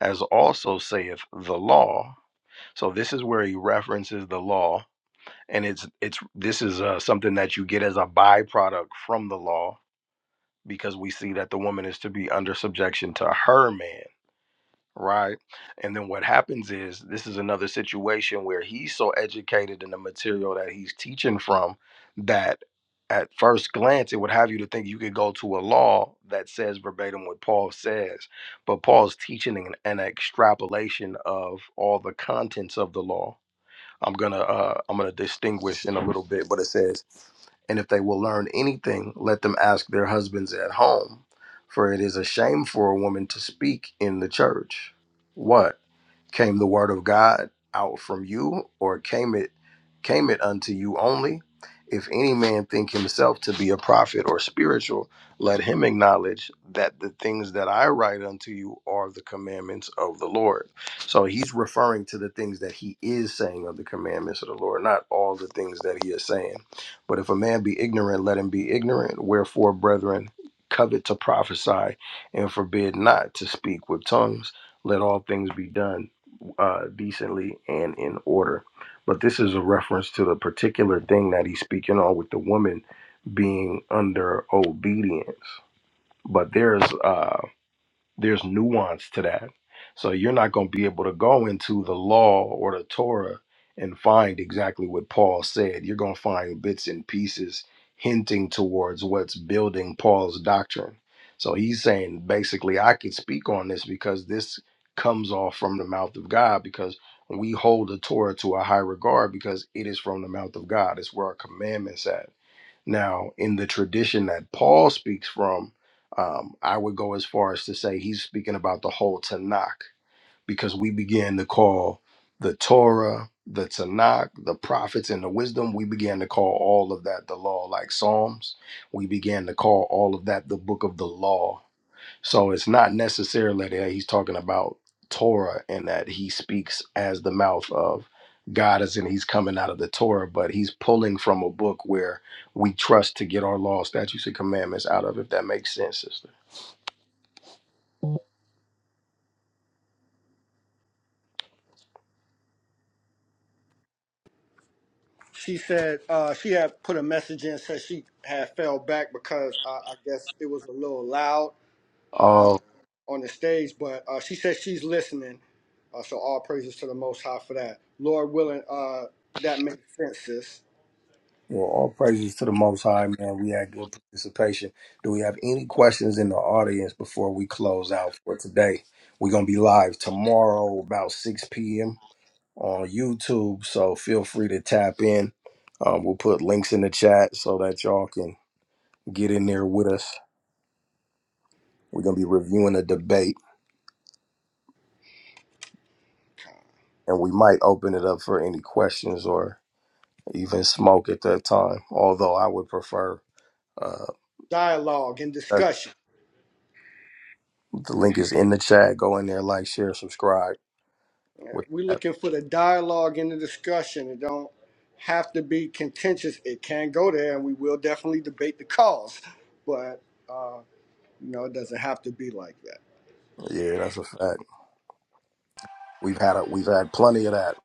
Speaker 1: as also saith the law. So this is where he references the law, and it's it's this is uh, something that you get as a byproduct from the law because we see that the woman is to be under subjection to her man, right? And then what happens is this is another situation where he's so educated in the material that he's teaching from that at first glance it would have you to think you could go to a law that says verbatim what Paul says, but Paul's teaching an, an extrapolation of all the contents of the law I'm gonna uh, I'm gonna distinguish in a little bit, but it says, and if they will learn anything, let them ask their husbands at home, for it is a shame for a woman to speak in the church. What? Came the word of God out from you, or came it came it unto you only? If any man think himself to be a prophet or spiritual, let him acknowledge that the things that I write unto you are the commandments of the Lord. So he's referring to the things that he is saying of the commandments of the Lord, not all the things that he is saying. But if a man be ignorant, let him be ignorant. Wherefore, brethren, covet to prophesy and forbid not to speak with tongues. Let all things be done uh, decently and in order. But this is a reference to the particular thing that he's speaking on with the woman being under obedience. But there's uh, there's nuance to that. So you're not going to be able to go into the law or the Torah and find exactly what Paul said. You're going to find bits and pieces hinting towards what's building Paul's doctrine. So he's saying basically, I could speak on this because this comes off from the mouth of God because we hold the Torah to a high regard because it is from the mouth of God. It's where our commandments at. Now, in the tradition that Paul speaks from, um, I would go as far as to say he's speaking about the whole Tanakh because we began to call the Torah, the Tanakh, the prophets, and the wisdom. We began to call all of that the law, like Psalms. We began to call all of that the book of the law so it's not necessarily that he's talking about Torah and that he speaks as the mouth of God, as in he's coming out of the Torah, but he's pulling from a book where we trust to get our law, statutes, and commandments out of, if that makes sense, sister.
Speaker 5: She said uh, she had put a message in, said she had fell back because uh, I guess it was a little loud uh,
Speaker 1: Um,
Speaker 5: on the stage, but uh, she said she's listening. Uh, so all praises to the Most High for that. Lord willing, uh, that makes sense, sis.
Speaker 1: well, all praises to the Most High, man. We had good participation. Do we have any questions in the audience before we close out for today? We're going to be live tomorrow about 6 p.m. on YouTube. So feel free to tap in. Um, we'll put links in the chat so that y'all can get in there with us. We're going to be reviewing a debate and we might open it up for any questions or even smoke at that time. Although I would prefer uh,
Speaker 5: dialogue and
Speaker 1: that's,
Speaker 5: discussion.
Speaker 1: the link is in the chat. Go in there, like, share, subscribe. With
Speaker 5: We're
Speaker 1: that.
Speaker 5: looking for the dialogue and the discussion. It don't have to be contentious. It can go there, and we will definitely debate the cause, but uh, you know, it doesn't have to be like that.
Speaker 1: Yeah, that's a fact. We've had a, we've had plenty of that.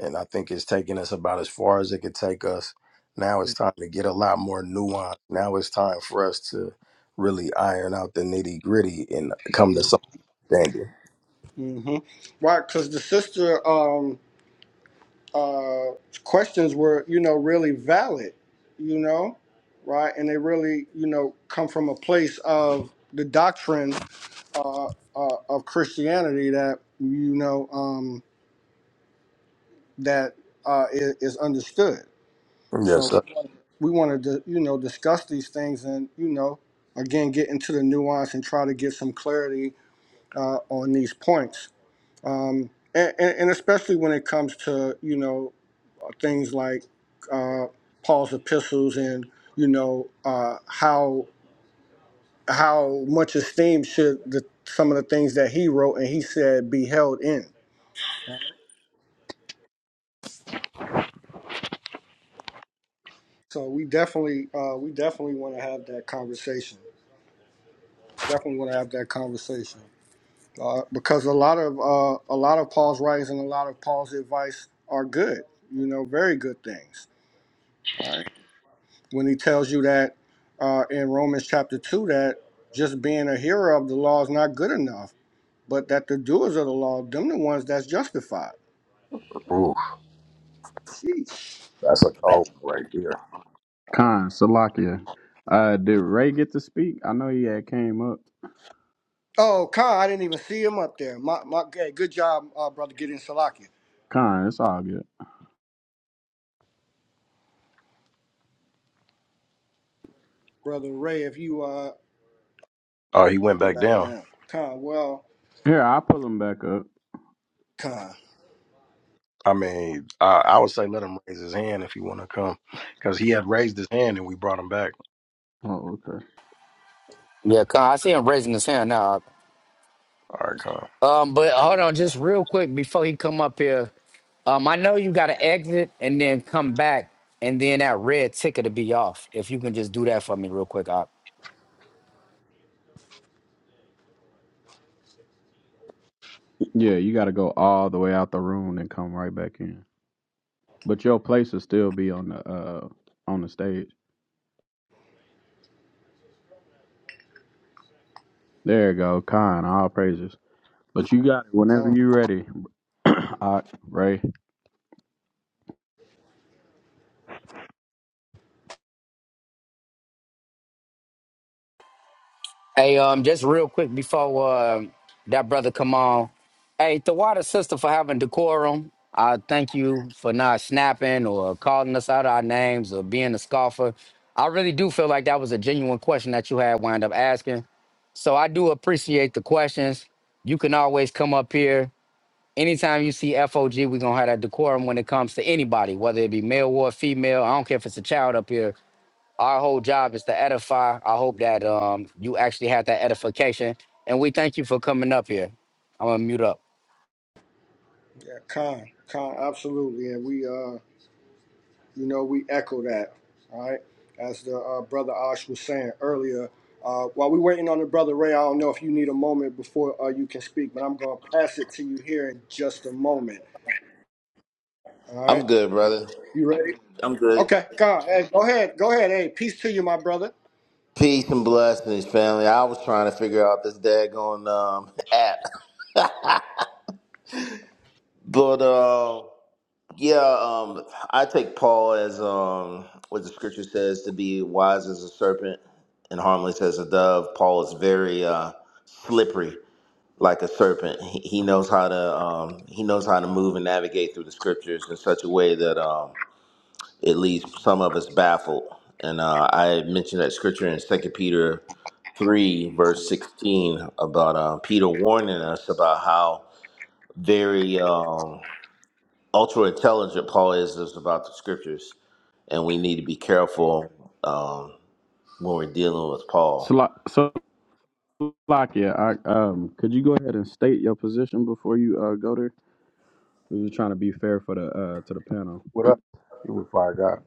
Speaker 1: and I think it's taken us about as far as it could take us. Now it's time to get a lot more nuance. Now it's time for us to really iron out the nitty gritty and come to some standard.
Speaker 5: Mm-hmm. Right, because the sister um, uh, questions were, you know, really valid, you know, right, and they really, you know, come from a place of the doctrine uh, uh, of Christianity that you know. Um, that uh, is, is understood.
Speaker 1: Yes,
Speaker 5: So
Speaker 1: sir.
Speaker 5: we wanted to, you know, discuss these things and, you know, again, get into the nuance and try to get some clarity uh, on these points. Um, and, and, and especially when it comes to, you know, things like uh, Paul's epistles and, you know, uh, how how much esteem should the, some of the things that he wrote and he said be held in. So we definitely uh, we definitely want to have that conversation. definitely want to have that conversation uh, because a lot of uh, a lot of Paul's writings and a lot of Paul's advice are good. You know, very good things. All right, when he tells you that uh, in Romans chapter two that just being a hearer of the law is not good enough, but that the doers of the law, them the ones that's justified.
Speaker 1: Ooh,
Speaker 5: Sheesh.
Speaker 1: that's a cold one right there.
Speaker 3: Khan, Salakia. Uh, did Ray get to speak? I know he had came up.
Speaker 5: Oh, Khan, I didn't even see him up there. My, my, hey, good job, uh, brother, getting Salakia.
Speaker 3: Khan, it's all good.
Speaker 5: Brother Ray, if you uh,
Speaker 1: Oh, he went
Speaker 5: go
Speaker 1: back
Speaker 5: back
Speaker 1: down.
Speaker 5: down. Khan, well,
Speaker 3: Here, I'll pull him back up.
Speaker 5: Khan,
Speaker 1: I mean, I, I would say let him raise his hand if he want to come, because he had raised his hand and we brought him back.
Speaker 3: Oh, okay.
Speaker 2: yeah, Khan, I see him raising his hand now.
Speaker 1: All right, come.
Speaker 2: Uh, um, but
Speaker 5: Khan,
Speaker 2: hold on, just
Speaker 5: Khan,
Speaker 2: real quick before he come up here. Um, I know you got to exit and then come back, and then that red ticket to be off. If you can just do that for me real quick, Op.
Speaker 3: Yeah, you got to go all the way out the room and come right back in. But your place will still be on the uh on the stage. There you go, Khan, all praises. But you got it whenever
Speaker 5: Khan.
Speaker 3: you ready, Ak, Ray.
Speaker 2: Hey, um, just real quick before uh, that brother come on. Hey, Tawada sister for having decorum. I thank you for not snapping or calling us out our names or being a scoffer. I really do feel like that was a genuine question that you had wound up asking. So I do appreciate the questions. You can always come up here. Anytime you see FOG, we're gonna have that decorum when it comes to anybody, whether it be male or female. I don't care if it's a child up here our whole job is to edify. I hope that um you actually had that edification. And we thank you for coming up here. I'm gonna mute up.
Speaker 5: Yeah, Con, Con, absolutely, and we, uh, you know, we echo that, all right? As the uh, brother Ash was saying earlier, uh, while we're waiting on the brother Ray, I don't know if you need a moment before uh, you can speak, but I'm gonna pass it to you here in just a moment, all right?
Speaker 10: I'm good, brother.
Speaker 5: You ready?
Speaker 10: I'm good.
Speaker 5: Okay, Con, hey, go ahead, go ahead, hey, peace to you, my brother.
Speaker 10: Peace and blessings, family. I was trying to figure out this daggone um, app, but uh, yeah, um, I take Paul as um, what the scripture says to be wise as a serpent and harmless as a dove. Paul is very uh, slippery like a serpent. He, he knows how to um, he knows how to move and navigate through the scriptures in such a way that. um. it leaves some of us baffled. And uh, I mentioned that scripture in Second Peter three verse sixteen about uh, Peter warning us about how very um, ultra intelligent Paul is, is about the scriptures, and we need to be careful um, when we're dealing with Paul.
Speaker 3: Sla- So, Slovakia, Ak, um, could you go ahead and state your position before you uh, go there? We were trying to be fair for the uh, to the panel.
Speaker 1: What up? He was fire God.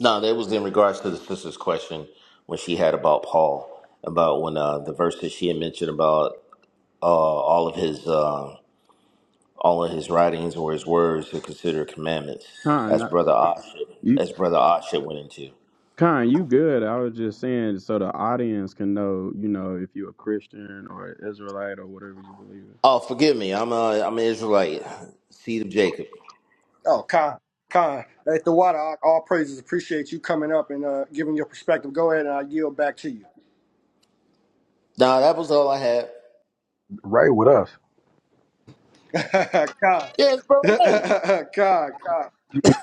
Speaker 10: No, that was in regards to the sister's question when she had about Paul about when uh, the verse that she had mentioned about uh, all of his. Uh, all of his writings or his words to considered commandments,
Speaker 3: Khan,
Speaker 10: as
Speaker 3: not-
Speaker 10: brother Oship,
Speaker 3: you,
Speaker 10: as brother Oship went into.
Speaker 3: Khan, you good. I was just saying so the audience can know, you know, if you're a Christian or an Israelite or whatever you believe in.
Speaker 10: Oh, forgive me, I'm a I'm an Israelite, seed of Jacob.
Speaker 5: Oh, Con, Con, at the water, I- all praises, appreciate you coming up and uh, giving your perspective. Go ahead, and I yield back to you,
Speaker 10: Nah, that was all I had.
Speaker 1: Ray with us.
Speaker 5: Con,
Speaker 10: Yes, brother Ray.
Speaker 5: Con, Con,
Speaker 1: He just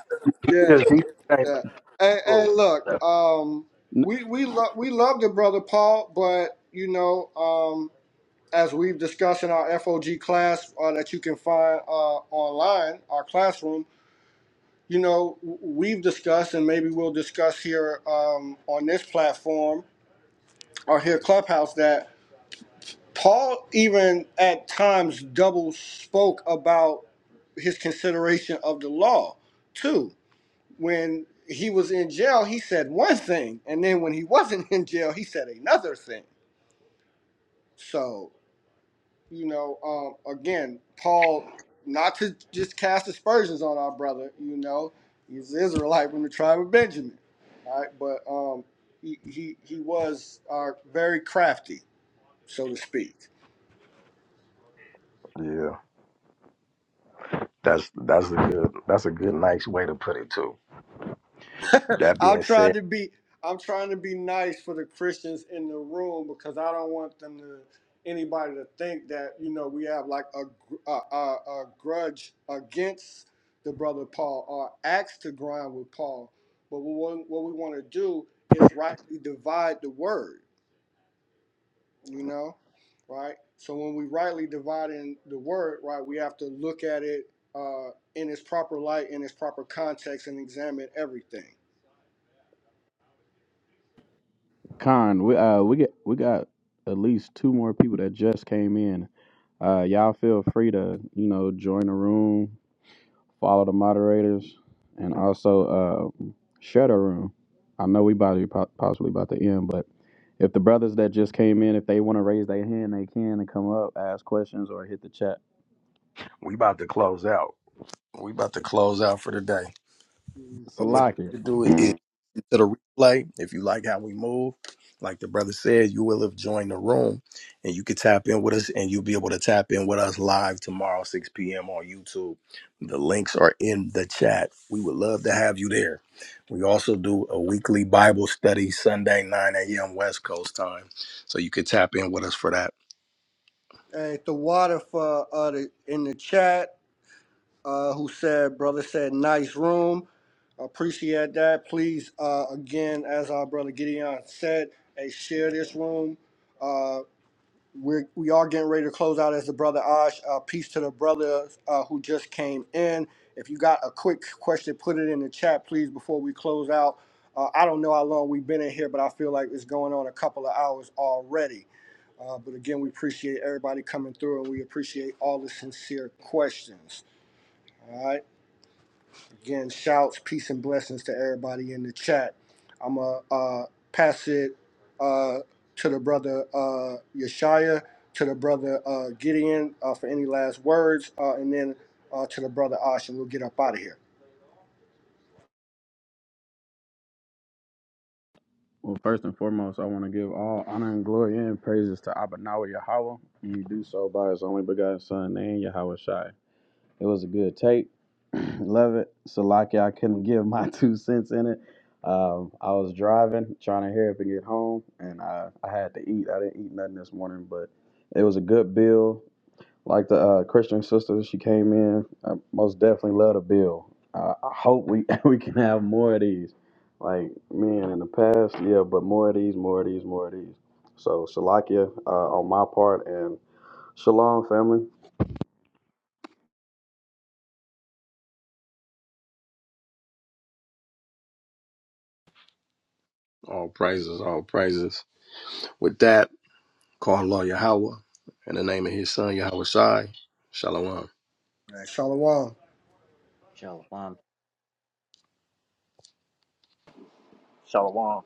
Speaker 1: he
Speaker 5: yeah.
Speaker 1: just came back.
Speaker 5: Yeah. And,
Speaker 1: Oh,
Speaker 5: and look, um, we we love we loved it, brother Paul, but you know, um, as we've discussed in our FOG class uh, that you can find uh, online, our classroom, you know, w- we've discussed and maybe we'll discuss here um, on this platform or here Clubhouse that Paul even at times double spoke about his consideration of the law too when he was in jail, he said one thing, and then when he wasn't in jail, he said another thing. So, you know, um, again, Paul, not to just cast aspersions on our brother, you know, he's an Israelite from the tribe of Benjamin, all right? But um, he, he, he was uh, very crafty, so to speak.
Speaker 1: yeah. That's that's a good that's a good nice way to put it too. That
Speaker 5: I'm
Speaker 1: being
Speaker 5: trying
Speaker 1: said,
Speaker 5: to be I'm trying to be nice for the Christians in the room because I don't want them to anybody to think that you know we have like a gr- a, a, a grudge against the brother Paul or axe to grind with Paul. But what we- what we want to do is rightly divide the word, you know, right? So when we rightly divide in the word, right, we have to look at it uh, in its proper light, in its proper context, and examine everything.
Speaker 3: Con, we uh we get we got at least two more people that just came in. Uh y'all feel free to, you know, join the room, follow the moderators, and also uh share the room. I know we about to po- possibly about to end, but if the brothers that just came in, if they want to raise their hand, they can and come up, ask questions, or hit the chat.
Speaker 1: we about to close out. We about to close out for the day. But what
Speaker 3: Salakia.
Speaker 1: you should do is listen
Speaker 3: well,
Speaker 1: to the replay. If you like how we move, like the brother said, you will have joined the room, and you can tap in with us, and you'll be able to tap in with us live tomorrow, six p.m. on YouTube. The links are in the chat. We would love to have you there. We also do a weekly Bible study Sunday, nine a.m. West Coast time, so you can tap in with us for that.
Speaker 5: Hey, the water for uh, the, in the chat, uh, who said, brother said, nice room. Appreciate that. Please, uh, again, as our brother Gideon said, hey, share this room. Uh, we're, we are getting ready to close out as the brother Ash. Uh, peace to the brothers uh, who just came in. If you got a quick question, put it in the chat, please, before we close out. Uh, I don't know how long we've been in here, but I feel like it's going on a couple of hours already. Uh, but again, we appreciate everybody coming through and we appreciate all the sincere questions. All right. Again, shouts, peace, and blessings to everybody in the chat. I'm going to uh, pass it uh, to the brother uh, Yeshaya, to the brother uh, Gideon uh, for any last words, uh, and then uh, to the brother Ash, and we'll get up out of here.
Speaker 3: first and foremost, I want to give all honor and glory and praises to Abba Nawa Yahweh, and you do so by his only begotten Son, named Yahweh Shai. It was a good tape. Love it. So lucky I couldn't give my two cents in it. Um, I was driving, trying to hurry up and get home, and I, I had to eat. I didn't eat nothing this morning, but it was a good bill. Like the uh, Christian sister, she came in. I most definitely love the bill. I I hope we we can have more of these. Like man, in the past, yeah, but more of these, more of these, more of these. So Shalakia uh, on my part, and Shalom family.
Speaker 1: All praises, all praises. With that, call Allah Yahweh in the name of his son Yahweh Shai. Shalom.
Speaker 5: All right, Shalom.
Speaker 6: shalom.
Speaker 4: Shalom.